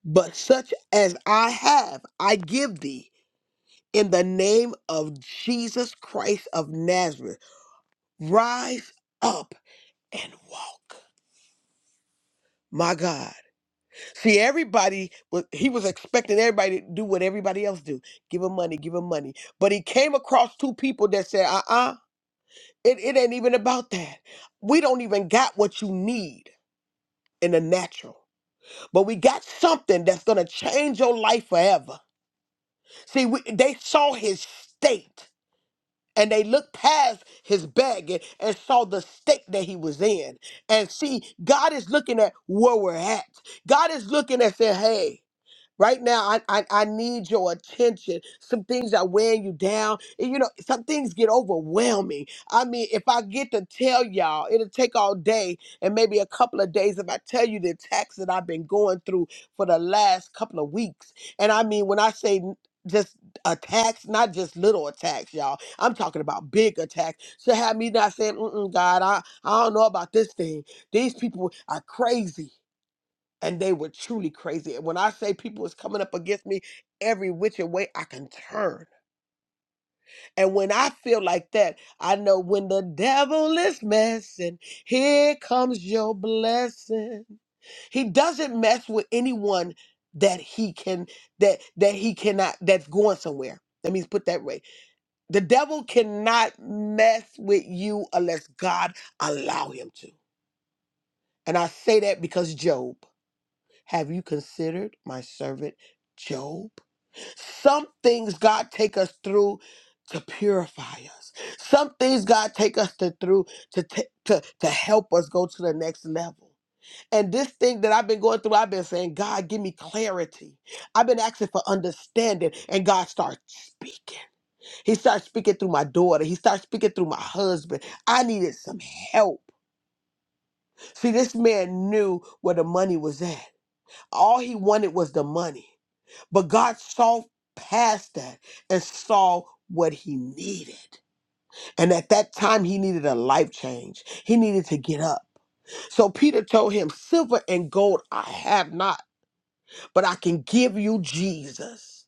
[SPEAKER 4] but such as I have I give thee. in the name of Jesus Christ of Nazareth. Rise up and walk. My God. See, everybody was he was expecting everybody to do what everybody else do. Give him money, give him money. But he came across two people that said, uh-uh, it, it ain't even about that. We don't even got what you need in the natural. But we got something that's gonna change your life forever. See, we, they saw his state. and they looked past his bag and, and saw the state that he was in. And see, God is looking at where we're at. God is looking at saying, hey, Right now, I, I, I need your attention. Some things are wearing you down. And you know, some things get overwhelming. I mean, if I get to tell y'all, it'll take all day and maybe a couple of days if I tell you the attacks that I've been going through for the last couple of weeks. And I mean, when I say n- just attacks, not just little attacks, y'all. I'm talking about big attacks. So have me not saying, Mm-mm, God, I, I don't know about this thing. These people are crazy and they were truly crazy. And when I say people is coming up against me every which way I can turn. And when I feel like that, I know when the devil is messing, here comes your blessing. He doesn't mess with anyone that he can that that he cannot that's going somewhere. Let me put that way. The devil cannot mess with you unless God allow him to. And I say that because Job. Have you considered my servant Job? Some things God take us through to purify us. Some things God take us to through to ta- to to help us go to the next level. And this thing that I've been going through, I've been saying, God, give me clarity. I've been asking for understanding, and God starts speaking. He starts speaking through my daughter. He starts speaking through my husband. I needed some help. See, this man knew where the money was at. All he wanted was the money. But God saw past that and saw what he needed. And at that time, he needed a life change. He needed to get up. So Peter told him, Silver and gold I have not, but I can give you Jesus.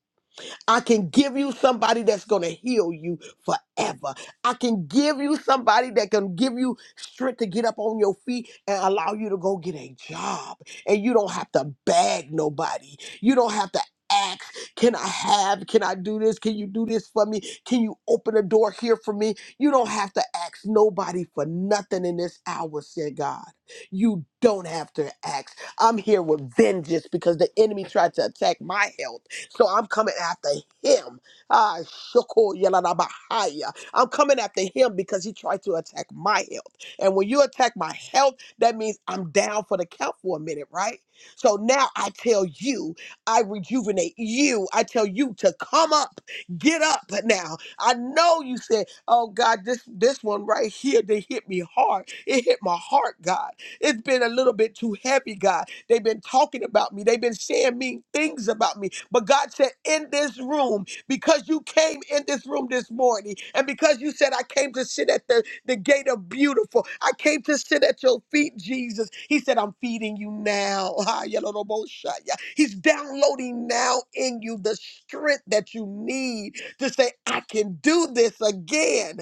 [SPEAKER 4] I can give you somebody that's going to heal you forever. I can give you somebody that can give you strength to get up on your feet and allow you to go get a job. And you don't have to beg nobody. You don't have to ask, can I have, can I do this? Can you do this for me? Can you open a door here for me? You don't have to ask nobody for nothing in this hour, said God. You don't have to ask. I'm here with vengeance because the enemy tried to attack my health so I'm coming after him. Ah, shoko yalanabahaya. I'm coming after him because he tried to attack my health. And when you attack my health, that means I'm down for the count for a minute, right? So now I tell you, I rejuvenate you. I tell you to come up, get up now. I know you said, oh God, this this one right here, they hit me hard. It hit my heart, God. It's been a little bit too heavy, God. They've been talking about me. They've been saying mean things about me. But God said, in this room, because you came in this room this morning, and because you said, I came to sit at the, the gate of beautiful, I came to sit at your feet, Jesus. He said, I'm feeding you now. Ah, yaloroboshaya. He's downloading now in you the strength that you need to say, I can do this again.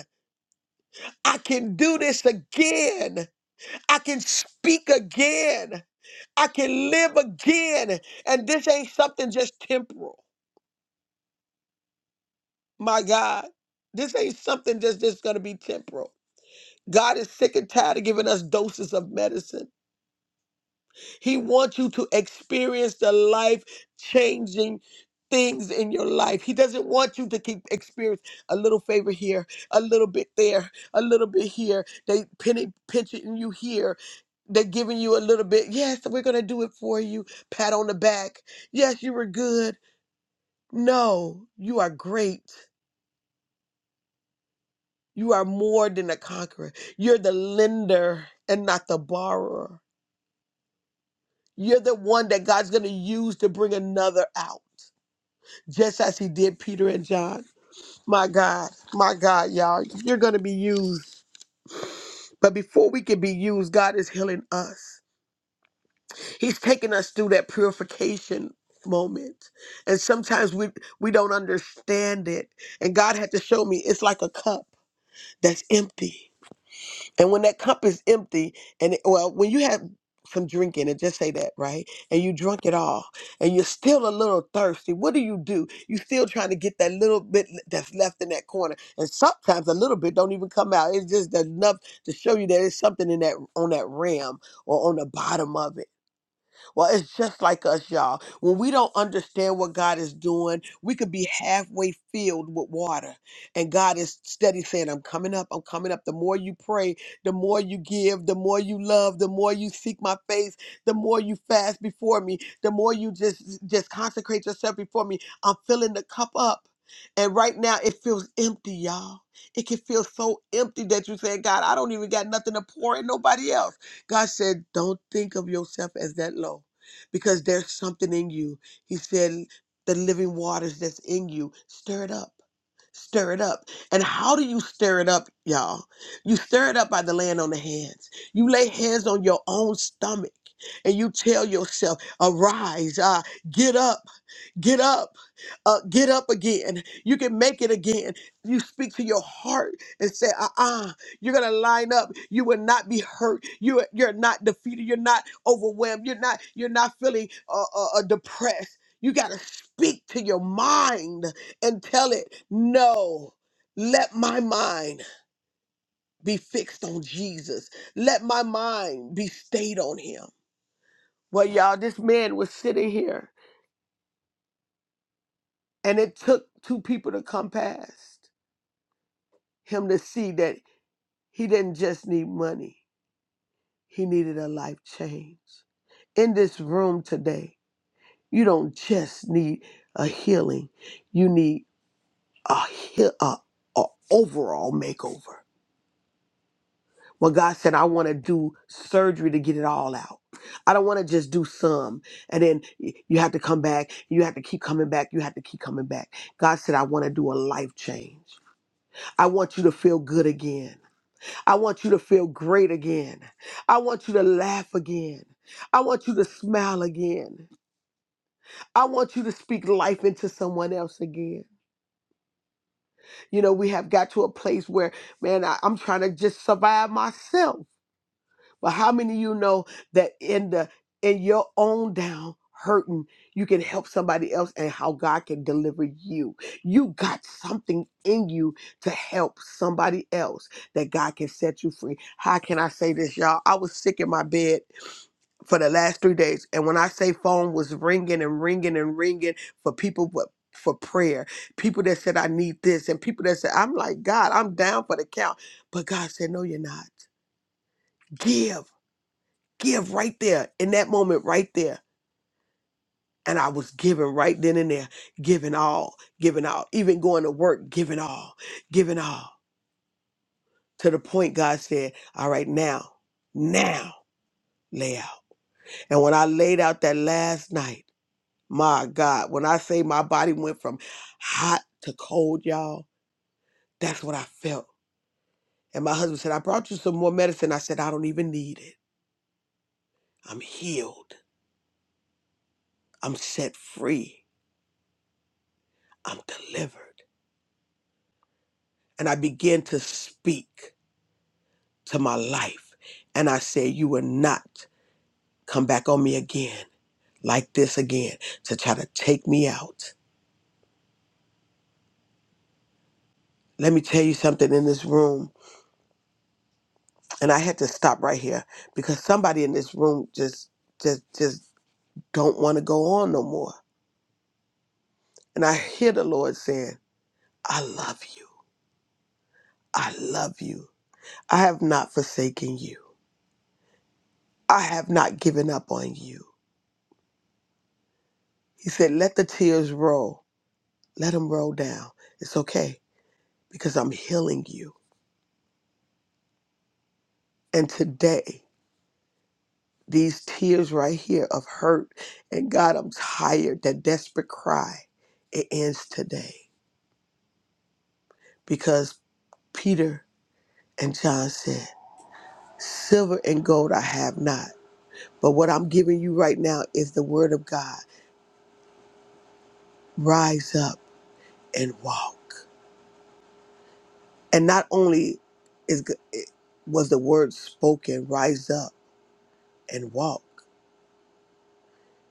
[SPEAKER 4] I can do this again. I can speak again. I can live again. And this ain't something just temporal. My God. This ain't something that's just gonna be temporal. God is sick and tired of giving us doses of medicine. He wants you to experience the life changing things in your life. He doesn't want you to keep experience a little favor here, a little bit there, a little bit here. They pinning pinching you here. They're giving you a little bit. Yes, we're gonna do it for you. Pat on the back. Yes, you were good. No, you are great. You are more than a conqueror. You're the lender and not the borrower. You're the one that God's going to use to bring another out, just as he did Peter and John. My God, my God, y'all, you're going to be used. But before we can be used, God is healing us. He's taking us through that purification moment. And sometimes we we don't understand it. And God had to show me it's like a cup that's empty And when that cup is empty, and it, well, when you have some drink in it, just say that, right? And you drunk it all, and you're still a little thirsty. What do you do? You still trying to get that little bit that's left in that corner, and sometimes a little bit don't even come out. It's just enough to show you that there's something in that on that rim or on the bottom of it. Well, it's just like us, y'all. When we don't understand what God is doing, we could be halfway filled with water. And God is steady saying, I'm coming up, I'm coming up. The more you pray, the more you give, the more you love, the more you seek my face, the more you fast before me, the more you just just consecrate yourself before me. I'm filling the cup up. And right now it feels empty, y'all. It can feel so empty that you say, God, I don't even got nothing to pour in nobody else. God said, Don't think of yourself as that low because there's something in you. He said, the living waters that's in you, stir it up. Stir it up. And how do you stir it up, y'all? You stir it up by the laying on the hands. You lay hands on your own stomach and you tell yourself, arise, uh, get up. Get up. Uh, get up again. You can make it again. You speak to your heart and say, uh uh-uh. uh, you are going to line up. You will not be hurt. You, you're not defeated. You're not overwhelmed. You're not, you're not feeling uh, uh, uh, depressed. You got to speak to your mind and tell it, no, let my mind be fixed on Jesus. Let my mind be stayed on him. Well, y'all, this man was sitting here and it took two people to come past. him to see that he didn't just need money, he needed a life change. In this room today, you don't just need a healing, you need a, heal, a, a overall makeover. Well, God said, I want to do surgery to get it all out. I don't want to just do some and then y- you have to come back. You have to keep coming back. You have to keep coming back. God said, I want to do a life change. I want you to feel good again. I want you to feel great again. I want you to laugh again. I want you to smile again. I want you to speak life into someone else again. You know, we have got to a place where, man, I, I'm trying to just survive myself. But how many of you know that in the in your own down hurting, you can help somebody else and how God can deliver you. You got something in you to help somebody else that God can set you free. How can I say this, y'all? I was sick in my bed for the last three days. And when I say phone was ringing and ringing and ringing for people, but for prayer, people that said, I need this, and people that said, I'm like, God, I'm down for the count. But God said, No, you're not. Give give right there in that moment right there and i was giving right then and there giving all giving all even going to work giving all giving all to the point god said all right now now lay out and when i laid out that last night my god when i say my body went from hot to cold y'all that's what i felt and my husband said i brought you some more medicine i said i don't even need it i'm healed i'm set free i'm delivered and I began to speak to my life. And I said, You will not come back on me again like this again to try to take me out. Let me tell you something in this room. And I had to stop right here because somebody in this room just just just don't want to go on no more. And I hear the Lord saying, I love you. I love you. I have not forsaken you. I have not given up on you. He said, Let the tears roll. Let them roll down. It's okay because I'm healing you. And today, these tears right here of hurt and God, I'm tired, that desperate cry, it ends today. Because Peter and John said, Silver and gold I have not, but what I'm giving you right now is the word of God. Rise up and walk. And not only is it was the word spoken, rise up and walk,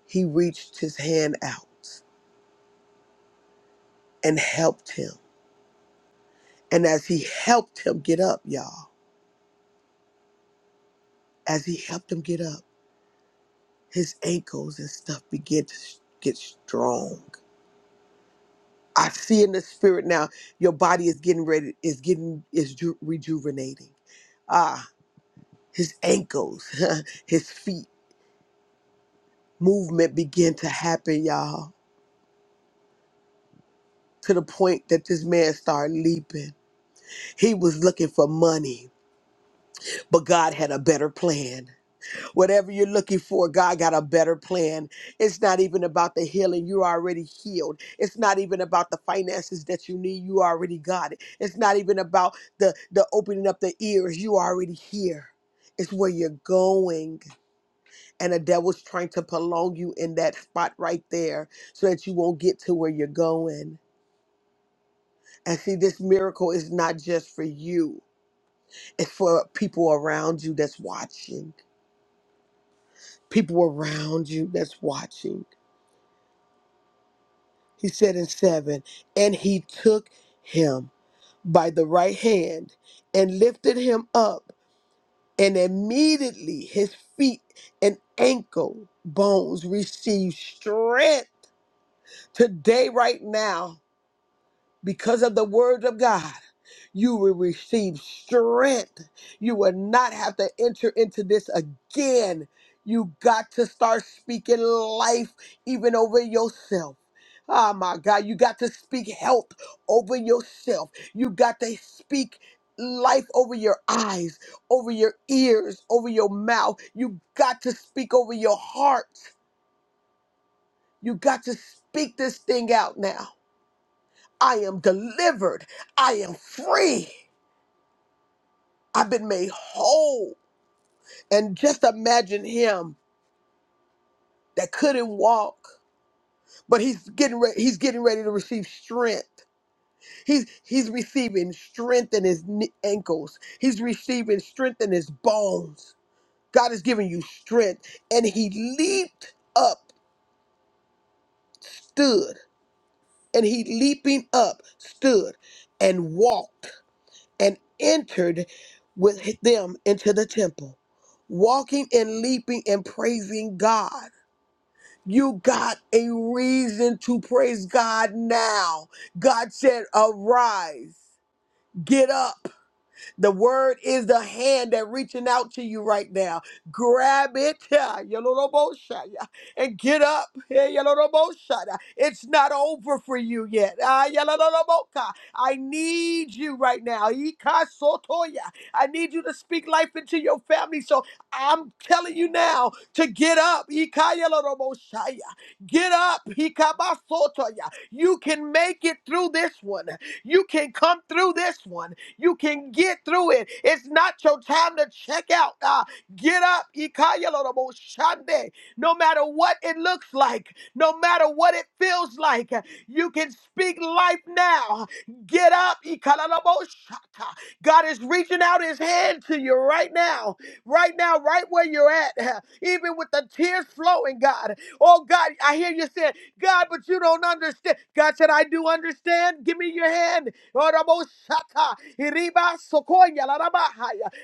[SPEAKER 4] he reached his hand out and helped him And as he helped him get up, y'all, as he helped him get up, his ankles and stuff began to s- get strong. I see in the spirit now, your body is getting ready, is getting, is ju- rejuvenating. Ah, his ankles, his feet, movement began to happen, y'all, to the point that this man started leaping. He was looking for money, but God had a better plan. Whatever you're looking for, God got a better plan. It's not even about the healing. You're already healed. It's not even about the finances that you need. You already got it. It's not even about the, the opening up the ears. You already here. It's where you're going. And the devil's trying to prolong you in that spot right there so that you won't get to where you're going. And see, this miracle is not just for you, it's for people around you that's watching. People around you that's watching He said in seven, and he took him by the right hand and lifted him up, and immediately his feet and ankle bones received strength today, right now, because of the word of God. You will receive strength. You will not have to enter into this again. You got to start speaking life even over yourself. Oh my God, you got to speak health over yourself. You got to speak life over your eyes, over your ears, over your mouth. You got to speak over your heart. You got to speak this thing out now. I am delivered. I am free. I've been made whole. And just imagine him that couldn't walk, but he's getting ready, he's getting ready to receive strength. He's he's receiving strength in his kne- ankles. He's receiving strength in his bones. God is giving you strength and he leaped up, stood, and he leaping up, stood and walked and entered with them into the temple, walking and leaping and praising God. You got a reason to praise God now. God said, Arise, get up. The word is the hand that reaching out to you right now. Grab it yeah, yoloroboshaya, and get up. yeah, yoloroboshaya. It's not over for you yet. Ah, yoloroboka. I need you right now. Ikasotoya. I need you to speak life into your family. So I'm telling you now to get up. Ikayoloroboshaya. Get up. Ikabasotoya. You can make it through this one. You can come through this one. You can get through it. It's not your time to check out. Ah, get up. Ikayaloroboshande. No matter what it looks like, no matter what it feels like, you can speak life now. Get up. Ikalalaboshata. God is reaching out his hand to you right now right now, right where you're at, even with the tears flowing, God. Oh, God, I hear you saying, God, but you don't understand. God said, I do understand. Give me your hand.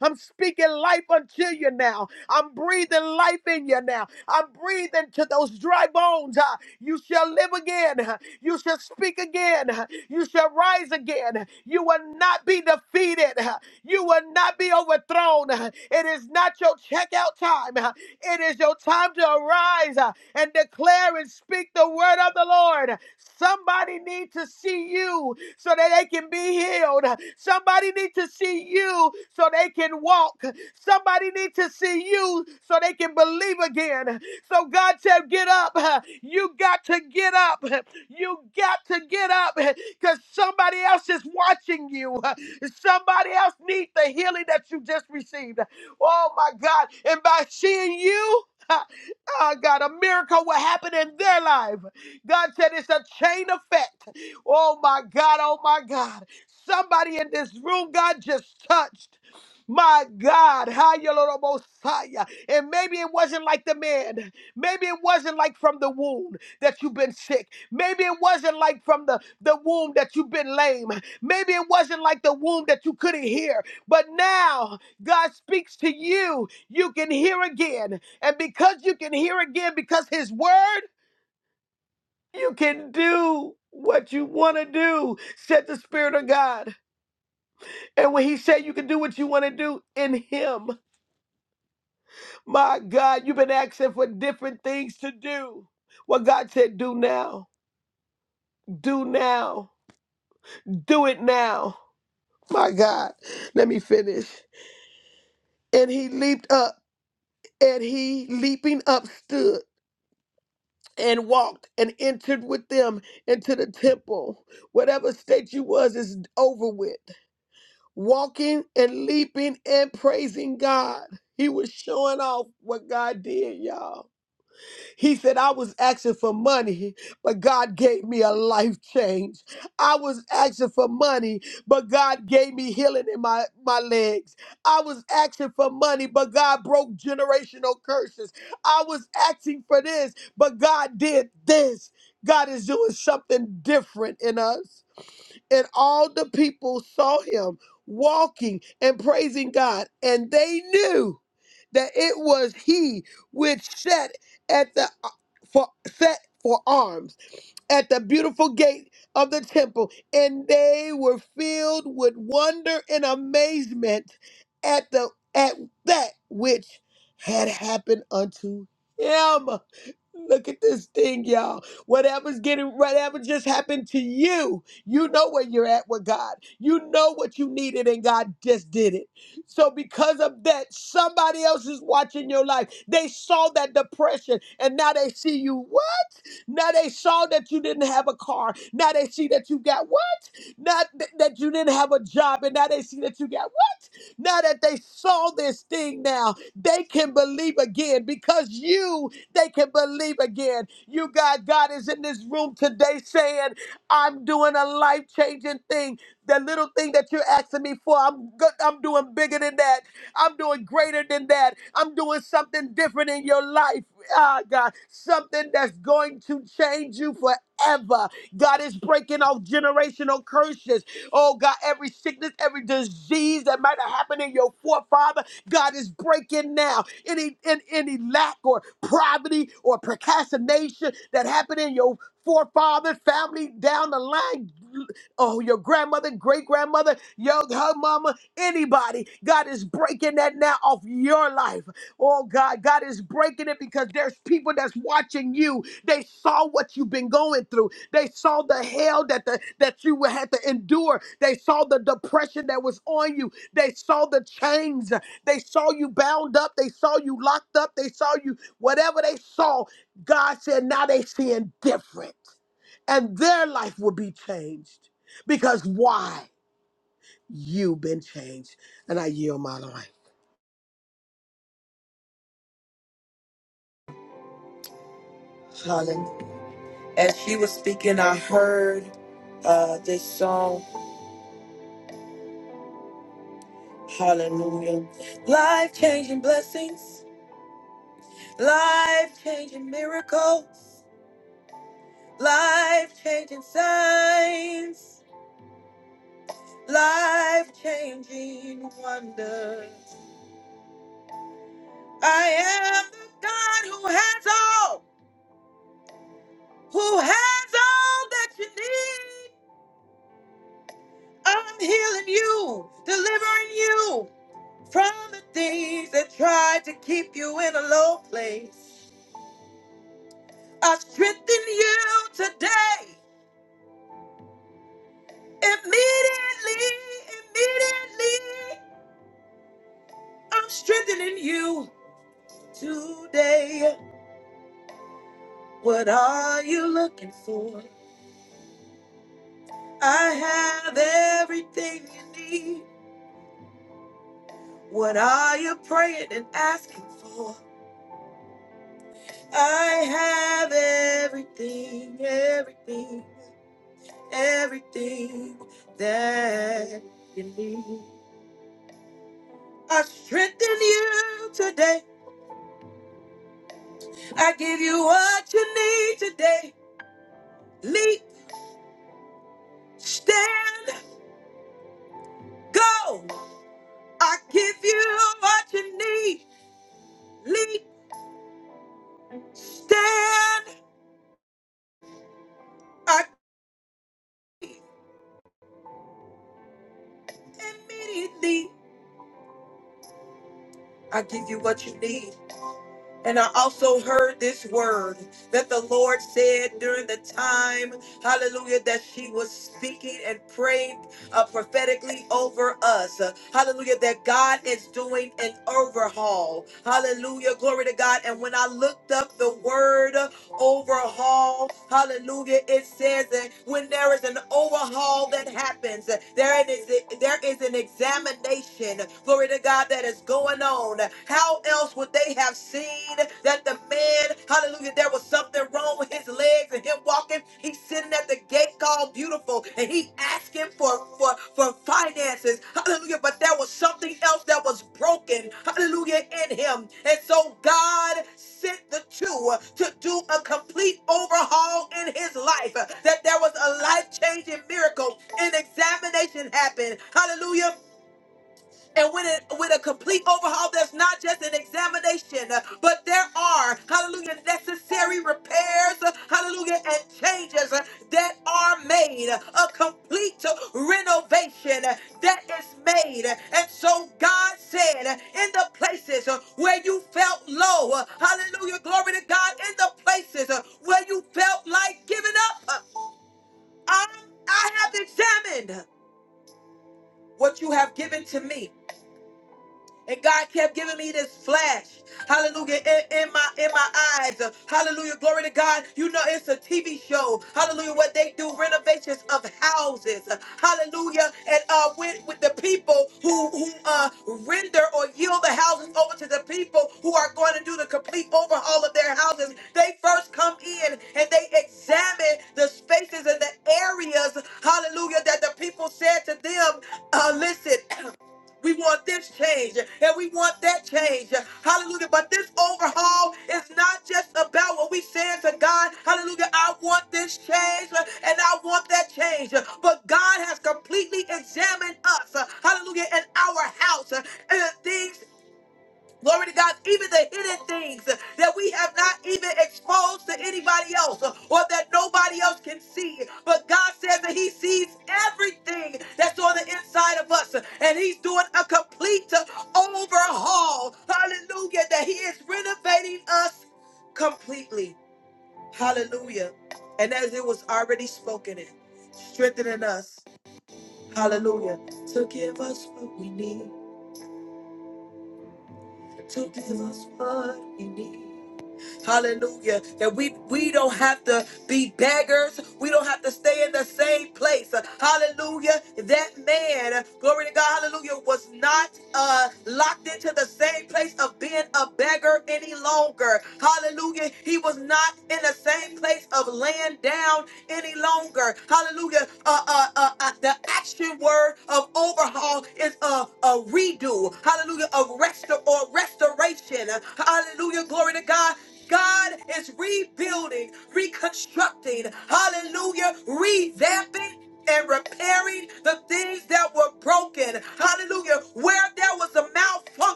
[SPEAKER 4] I'm speaking life unto you now now. I'm breathing life in you now. I'm breathing to those dry bones. Uh, You shall live again. Uh, You shall speak again. Uh, You shall rise again. Uh, You will not be defeated. Uh, You will not be overthrown. Uh, It is not your checkout time. Uh, It is your time to arise uh, and declare and speak the word of the Lord. Somebody need to see you so that they can be healed. Somebody need to see you so they can walk. Somebody needs to see you so they can believe again. So God said, get up. You got to get up. You got to get up because somebody else is watching you. Somebody else needs the healing that you just received. Oh my God. And by seeing you, oh God, a miracle will happen in their life. God said it's a chain effect. Oh my God, oh my God. Somebody in this room, God just touched. My God, Hayalorobosaya. and maybe it wasn't like the man. Maybe it wasn't like from the womb that you've been sick. Maybe it wasn't like from the, the womb that you've been lame. Maybe it wasn't like the womb that you couldn't hear. But now God speaks to you. You can hear again. And because you can hear again, because His word, you can do what you want to do, said the Spirit of God. And when He said you can do what you want to do in Him. My God, you've been asking for different things to do. What God said, do now, do now, do it now. My God, let me finish. And he leaped up, and he leaping up stood and walked and entered with them into the temple. Whatever state you was is over with. Walking and leaping and praising God. He was showing off what God did, y'all. He said, I was asking for money, but God gave me a life change. I was asking for money, but God gave me healing in my, my legs. I was asking for money, but God broke generational curses. I was asking for this, but God did this. God is doing something different in us. And all the people saw him walking and praising God, and they knew that it was he which sat at the uh, for set for arms at the beautiful gate of the temple, and they were filled with wonder and amazement at the at that which had happened unto him. Look at this thing, y'all. Whatever's getting, whatever just happened to you, you know where you're at with God. You know what you needed, and God just did it. So, because of that, somebody else is watching your life. They saw that depression, and now they see you. What? Now they saw that you didn't have a car. Now they see that you got what? Not th- that you didn't have a job, and now they see that you got now that they saw this thing now, they can believe again because you, they can believe again. You God, God is in this room today saying, I'm doing a life-changing thing. The little thing that you're asking me for, I'm good, I'm doing bigger than that. I'm doing greater than that. I'm doing something different in your life. Ah, God, something that's going to change you forever. God is breaking off generational curses. Oh God, every sickness, every disease that might have happened in your forefather, God is breaking now. Any in, any lack or poverty or procrastination that happened in your forefather, family down the line, oh your grandmother, great grandmother, your her mama, anybody, God is breaking that now off your life. Oh God, God is breaking it because there's people that's watching you. They saw what you've been going through. They saw the hell that the, that you would have to endure. They saw the depression that was on you. They saw the chains. They saw you bound up. They saw you locked up. They saw you whatever they saw. God said, now they seeing different, and their life will be changed because why? You've been changed, and I yield my life.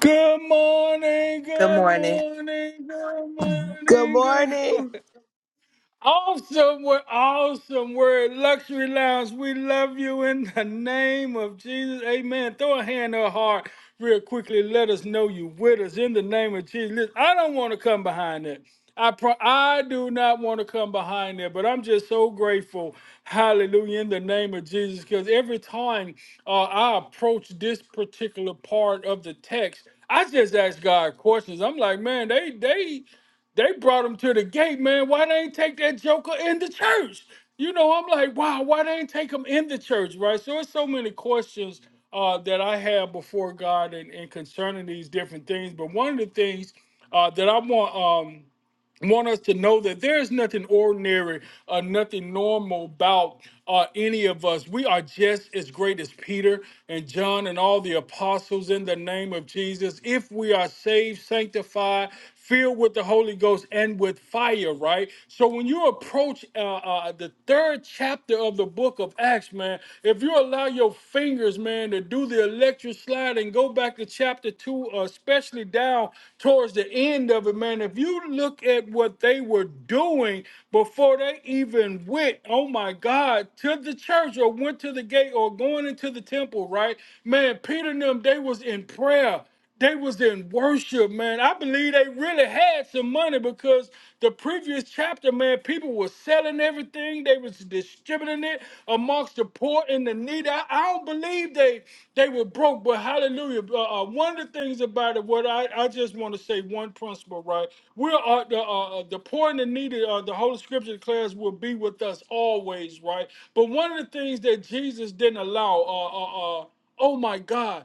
[SPEAKER 3] Good morning, good morning, good
[SPEAKER 4] Good
[SPEAKER 3] morning, good
[SPEAKER 4] morning.
[SPEAKER 3] Awesome word, awesome word. Luxury Lounge, we love you in the name of Jesus. Amen. Throw a hand or heart real quickly. Let us know you with us in the name of Jesus. Listen, I don't want to come behind that. I pro- I do not want to come behind that, but I'm just so grateful. Hallelujah in the name of Jesus. Because every time uh, I approach this particular part of the text, I just ask God questions. I'm like, man, they they they brought him to the gate, man. Why they ain't take that joker in the church? You know, I'm like, wow, why they ain't take him in the church, right? So it's so many questions uh, that I have before God and, and concerning these different things. But one of the things uh, that I want. Um, want us to know that there's nothing ordinary or nothing normal about uh, any of us. We are just as great as Peter and John and all the apostles in the name of Jesus. If we are saved, sanctified, filled with the Holy Ghost and with fire, right? So when you approach uh, uh, the third chapter of the book of Acts, man, if you allow your fingers, man, to saying to do the electric slide and go back to chapter two, uh, especially down towards the end of it, man. If you look at what they were doing before they even went, oh my God, to the church or went to the gate or going into the temple, right? Man, Peter and them, they was in prayer they was in worship, man. I believe they really had some money because the previous chapter, man, people were selling everything. They was distributing it amongst the poor and the needy. I, I don't believe they they were broke, but hallelujah. Uh, uh, one of the things about it, what I, I just want to say one principle, right? We're uh, the uh, uh, the poor and the needy. Uh, the Holy Scripture declares will be with us always, right? But one of the things that Jesus didn't allow. Uh, uh, uh, oh my God.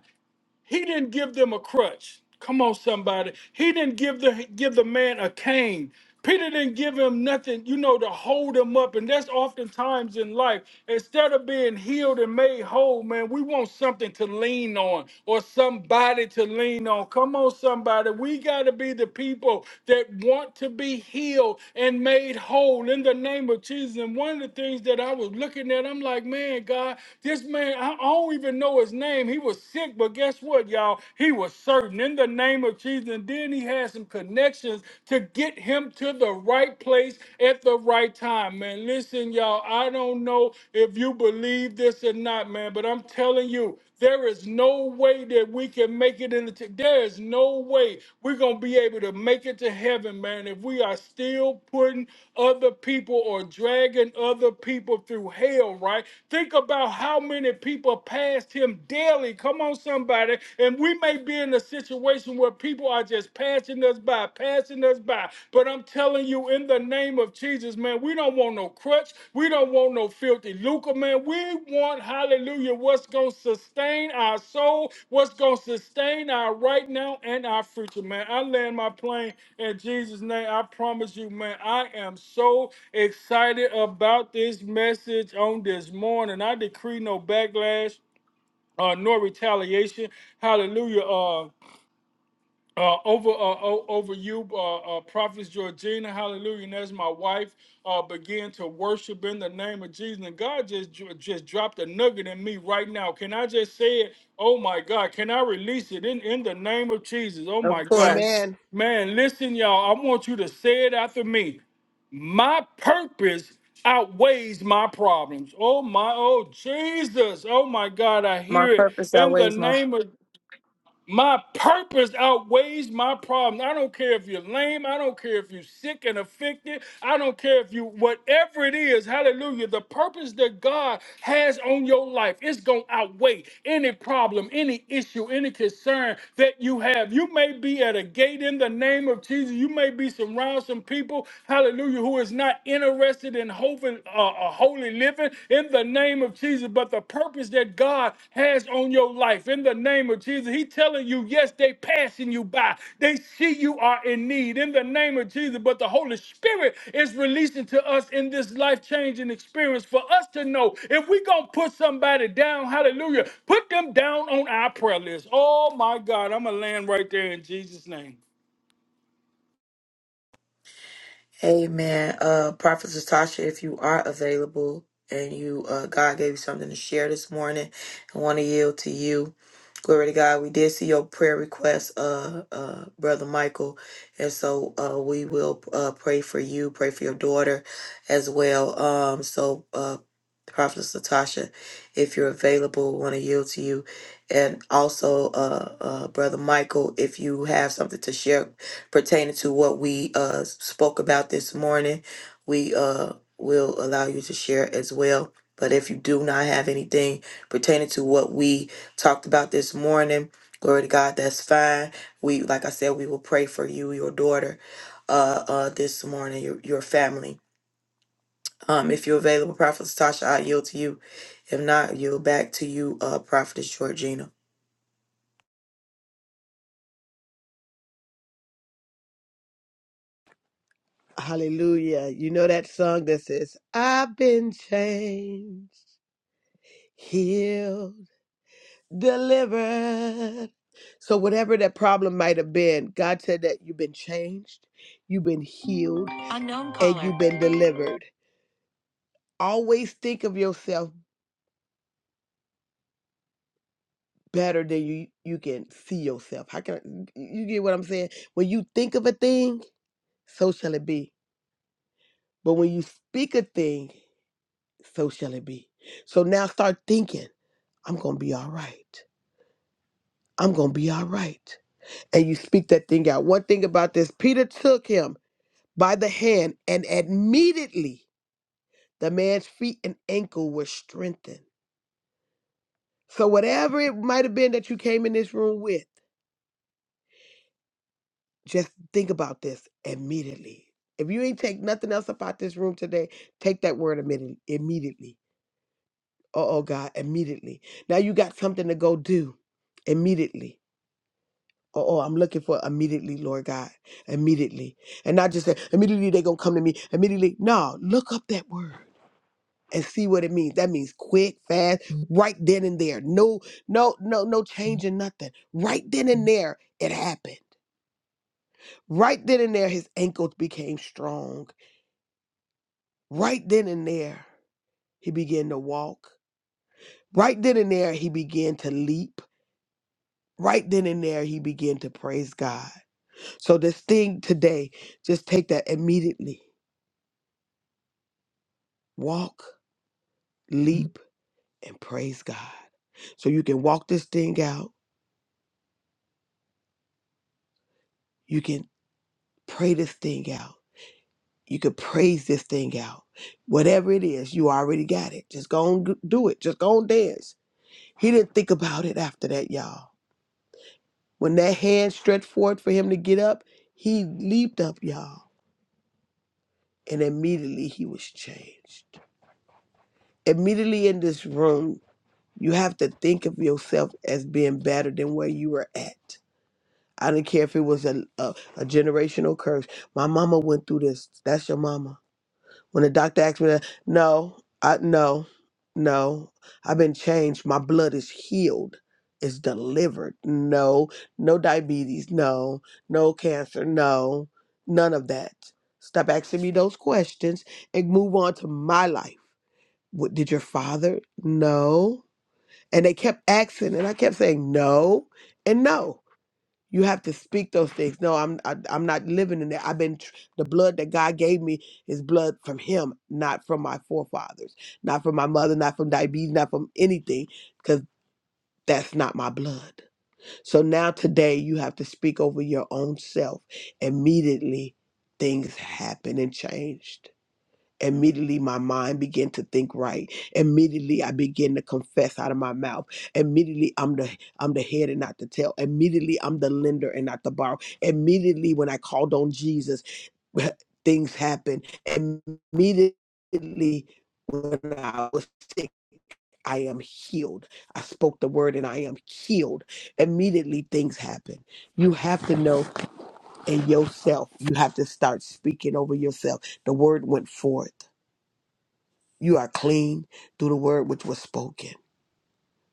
[SPEAKER 3] He didn't give them a crutch. Come on, somebody. He didn't give the give the man a cane. Peter didn't give him nothing, you know, to hold him up. And that's oftentimes in life. Instead of being healed and made whole, man, we want something to lean on or somebody to lean on. Come on, somebody. We got to be the people that want to be healed and made whole in the name of Jesus. And one of the things that I was looking at, I'm like, man, God, this man, I don't even know his name. He was sick sick, but guess what, y'all? He was certain in the name of Jesus. And then he had some connections to get him to the right place at the right time, man. Listen, y'all, I don't know if you believe this or not, man, but I'm telling you, there is no way that we can make it in the. T- there is no way we're gonna be able to make it to heaven, man, if we are still putting other people or dragging other people through hell. Right? Think about how many people passed him daily. Come on, somebody. And we may be in a situation where people are just passing us by, passing us by. But I'm telling you, in the name of Jesus, man, we don't want no crutch. We don't want no filthy lucre, man. We want, hallelujah, what's going to sustain our soul, what's going to sustain our right now and our future, man. I land my plane in Jesus' name. I promise you, man, I am so excited about this message on this morning. I decree no backlash uh, nor retaliation. Hallelujah. Uh, uh, over uh, o- over you, uh, uh, Prophet Georgina, hallelujah, and as my wife uh, began to worship in the name of Jesus, and God just dr- just dropped a nugget in me right now. Can I just say it? Oh my God! Can I release it in in the name of Jesus? Oh my God!
[SPEAKER 4] Amen.
[SPEAKER 3] Man, listen, y'all. I want you to say it after me. My purpose outweighs my problems. Oh my, oh Jesus. Oh my God, I hear it in the name of my purpose outweighs my problem. I don't care if you're lame. I don't care if you're sick and afflicted. I don't care if you, whatever it is, hallelujah, the purpose that God has on your life is going to outweigh any problem, any issue, any concern that you have. You may be at a gate in the name of Jesus. You may be surrounded some people, hallelujah, who is not interested in hoping, uh, uh, holy living in the name of Jesus, but the purpose that God has on your life in the name of Jesus. He telling you, yes, they passing you by. They see you are in need in the name of Jesus, but the Holy Spirit is releasing to us in this life-changing experience for us to know if we going to put somebody down, hallelujah, put them down on our prayer list. Oh my God, I'm going to land right there in Jesus' name.
[SPEAKER 4] Hallelujah. You know that song that says, I've been changed. healed, delivered. So, whatever that problem might have been, God said that you've been changed, you've been healed, Unknown and caller. you've been delivered. Always think of yourself better than you you can see yourself. How can I, you get what I'm saying? When you think of a thing, so shall it be. But when you speak a thing, so shall it be. So now start thinking, I'm gonna be all right. I'm gonna be all right. and you speak that thing out. One thing about this, Peter took him by the hand, and immediately the man's feet and ankle were strengthened. So, whatever it might have been that you came in this room with, just think about this immediately. If you ain't take nothing else about this room today, take that word immediately. Immediately. Oh, oh, God, immediately. Now you got something to go do immediately. Oh, oh, I'm looking for immediately, Lord God, immediately. And not just that, immediately they're going to come to me, immediately. No, look up that word and see what it means. That means quick, fast, right then and there. No, no, no, no change in nothing. Right then and there, it happened. Right then and there, his ankles became strong. Right then and there, he began to walk. Right then and there, he began to leap. Right then and there, he began to praise God. So this thing today, just take that immediately Walk, leap, and praise God. So you can walk this thing out. You can pray this thing out. You can praise this thing out. Whatever it is, you already got it. Just go and do it. Just go and dance. He didn't think about it after that, y'all. When that hand stretched forward for him to get up, he leaped up, y'all. And immediately he was changed. Immediately in this room, you have to think of yourself as being better than where you were at. I didn't care if it was a, a a generational curse. My mama went through this. That's your mama. When the doctor asked me that, no, I no, no. I've been changed. My blood is healed. It's delivered. No, no diabetes. No, no cancer. No, none of that. Stop asking me those questions and move on to my life. What did your father? No. And they kept asking, and I kept saying no and no. You have to speak those things. No, I'm I, I'm not living in that. I've been tr- the blood that God gave me is blood from Him, not from my forefathers, not from my mother, not from diabetes, not from anything, because that's not my blood. So now today you have to speak over your own self. Immediately things happen and changed. Immediately, my mind began to think right. Immediately, I began to confess out of my mouth. Immediately, I'm the I'm the head and not the tail. Immediately, I'm the lender and not the borrower. Immediately, when I called on Jesus, things happened. Immediately, when I was sick, I am healed. I spoke the word and I am healed. Immediately, things happen. You have to know in yourself. You have to start speaking over yourself. The word went forth. You are clean through the word which was spoken.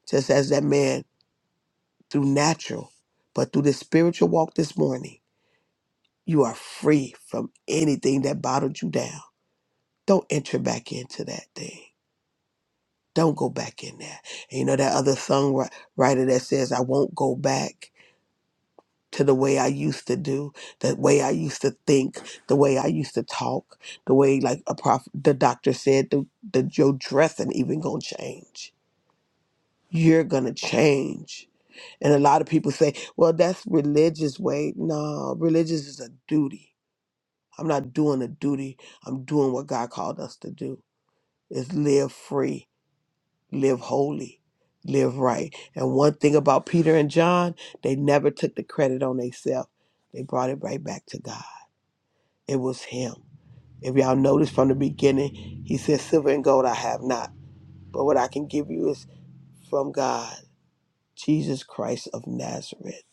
[SPEAKER 4] Just as that man through natural, but through the spiritual walk this morning, you are free from anything that bottled you down. Don't enter back into that thing. Don't go back in there. And you know that other songwriter that says, I won't go back to the way I used to do, the way I used to think, the way I used to talk, the way like a prof the doctor said the, the your dressing even gonna change. You're gonna change And a lot of people say, well, that's religious way. No, religious is a duty. I'm not doing a duty. I'm doing what God called us to do is live free, live holy, live right. And one thing about Peter and John, they never took the credit on themselves. They brought it right back to God. It was him. If y'all notice from the beginning, he said, Silver and gold I have not. But what I can give you is from God, Jesus Christ of Nazareth.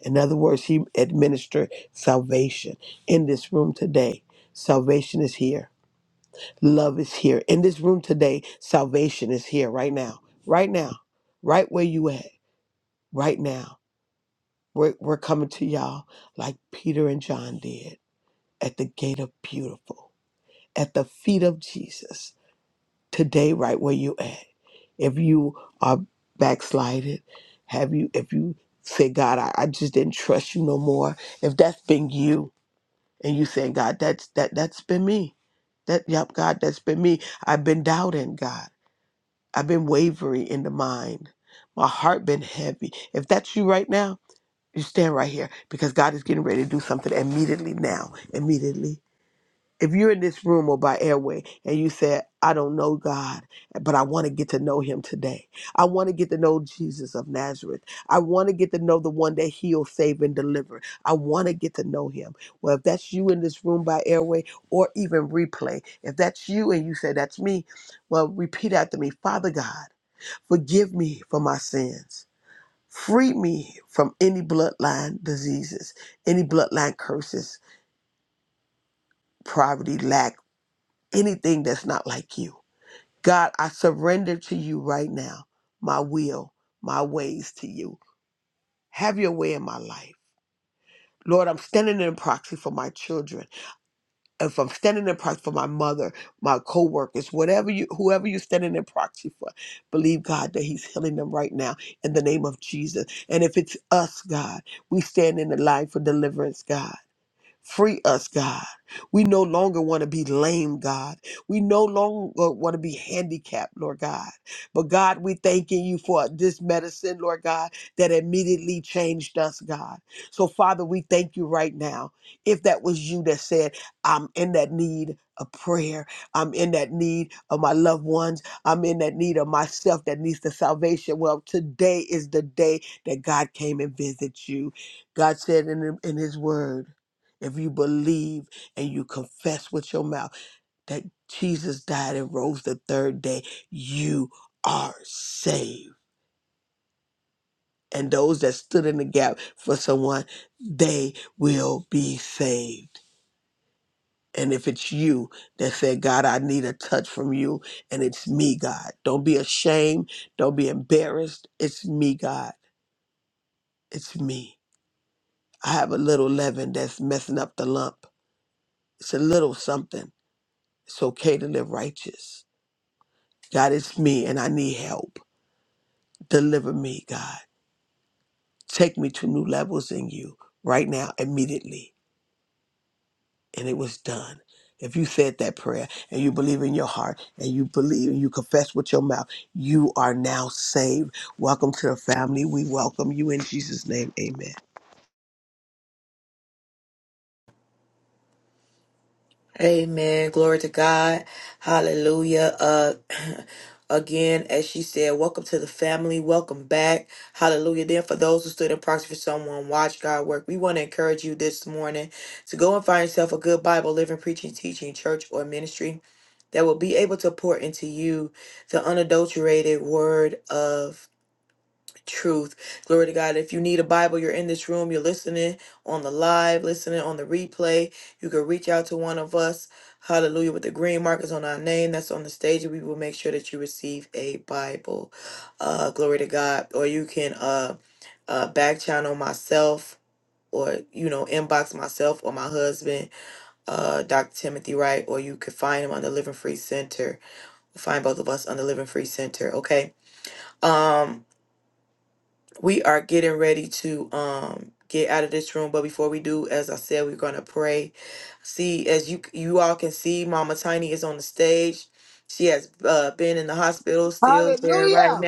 [SPEAKER 4] In other words, He administered salvation in this room today. Salvation is here. Love is here. In this room today, salvation is here right now. Right now. Right where you at. Right now. We're, we're coming to y'all like Peter and John did at the gate of beautiful, at the feet of Jesus. Today, right where you at. If you are backslided, have you, if you say, God, I, I just didn't trust you no more, if that's been you, and you saying, God, that's that that's been me. That yep, God, that's been me. I've been doubting, God. I've been wavering in the mind. My heart been heavy. If that's you right now, you stand right here because God is getting ready to do something immediately now. Immediately if you're in this room or by airway and you said, I don't know God, but I want to get to know him today. I want to get to know Jesus of Nazareth. I want to get to know the one that he'll save and deliver. I want to get to know him. Well, if that's you in this room by airway or even replay, if that's you and you say, That's me, well, repeat after me Father God, forgive me for my sins. Free me from any bloodline diseases, any bloodline curses, poverty, lack anything that's not like you. God, I surrender to you right now, my will, my ways to you. Have your way in my life. Lord, I'm standing in proxy for my children. If I'm standing in proxy for my mother, my coworkers, whatever you whoever you're standing in proxy for, believe God that He's healing them right now in the name of Jesus. And if it's us, God, we stand in the line for deliverance, God. Free us, God. We no longer want to be lame, God. We no longer want to be handicapped, Lord God. But God, we thanking you for this medicine, Lord God, that immediately changed us, God. So, Father, we thank you right now. If that was you that said, I'm in that need of prayer, I'm in that need of my loved ones, I'm in that need of myself that needs the salvation. Well, today is the day that God came and visited you. God said in, in His Word, if you believe and you confess with your mouth that Jesus died and rose the third day, you are saved. And those that stood in the gap for someone, they will be saved. And if it's you that said, God, I need a touch from you, and it's me, God, don't be ashamed. Don't be embarrassed. It's me, God. It's me. I have a little leaven that's messing up the lump. It's a little something. It's okay to live righteous God, it's me and I need help. Deliver me, God. Take me to new levels in you right now, immediately. and it was done. If you said that prayer and you believe in your heart and you believe and you confess with your mouth, you are now saved. Welcome to the family. We welcome you in Jesus' name. Amen. Hallelujah.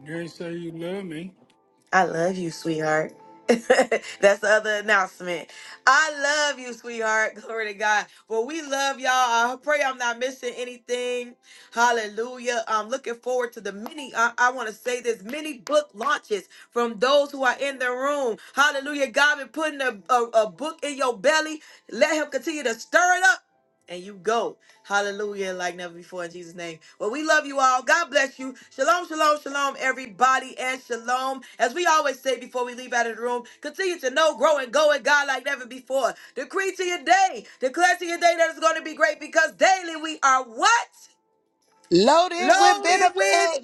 [SPEAKER 3] You ain't say you love me.
[SPEAKER 4] Loaded with benefits.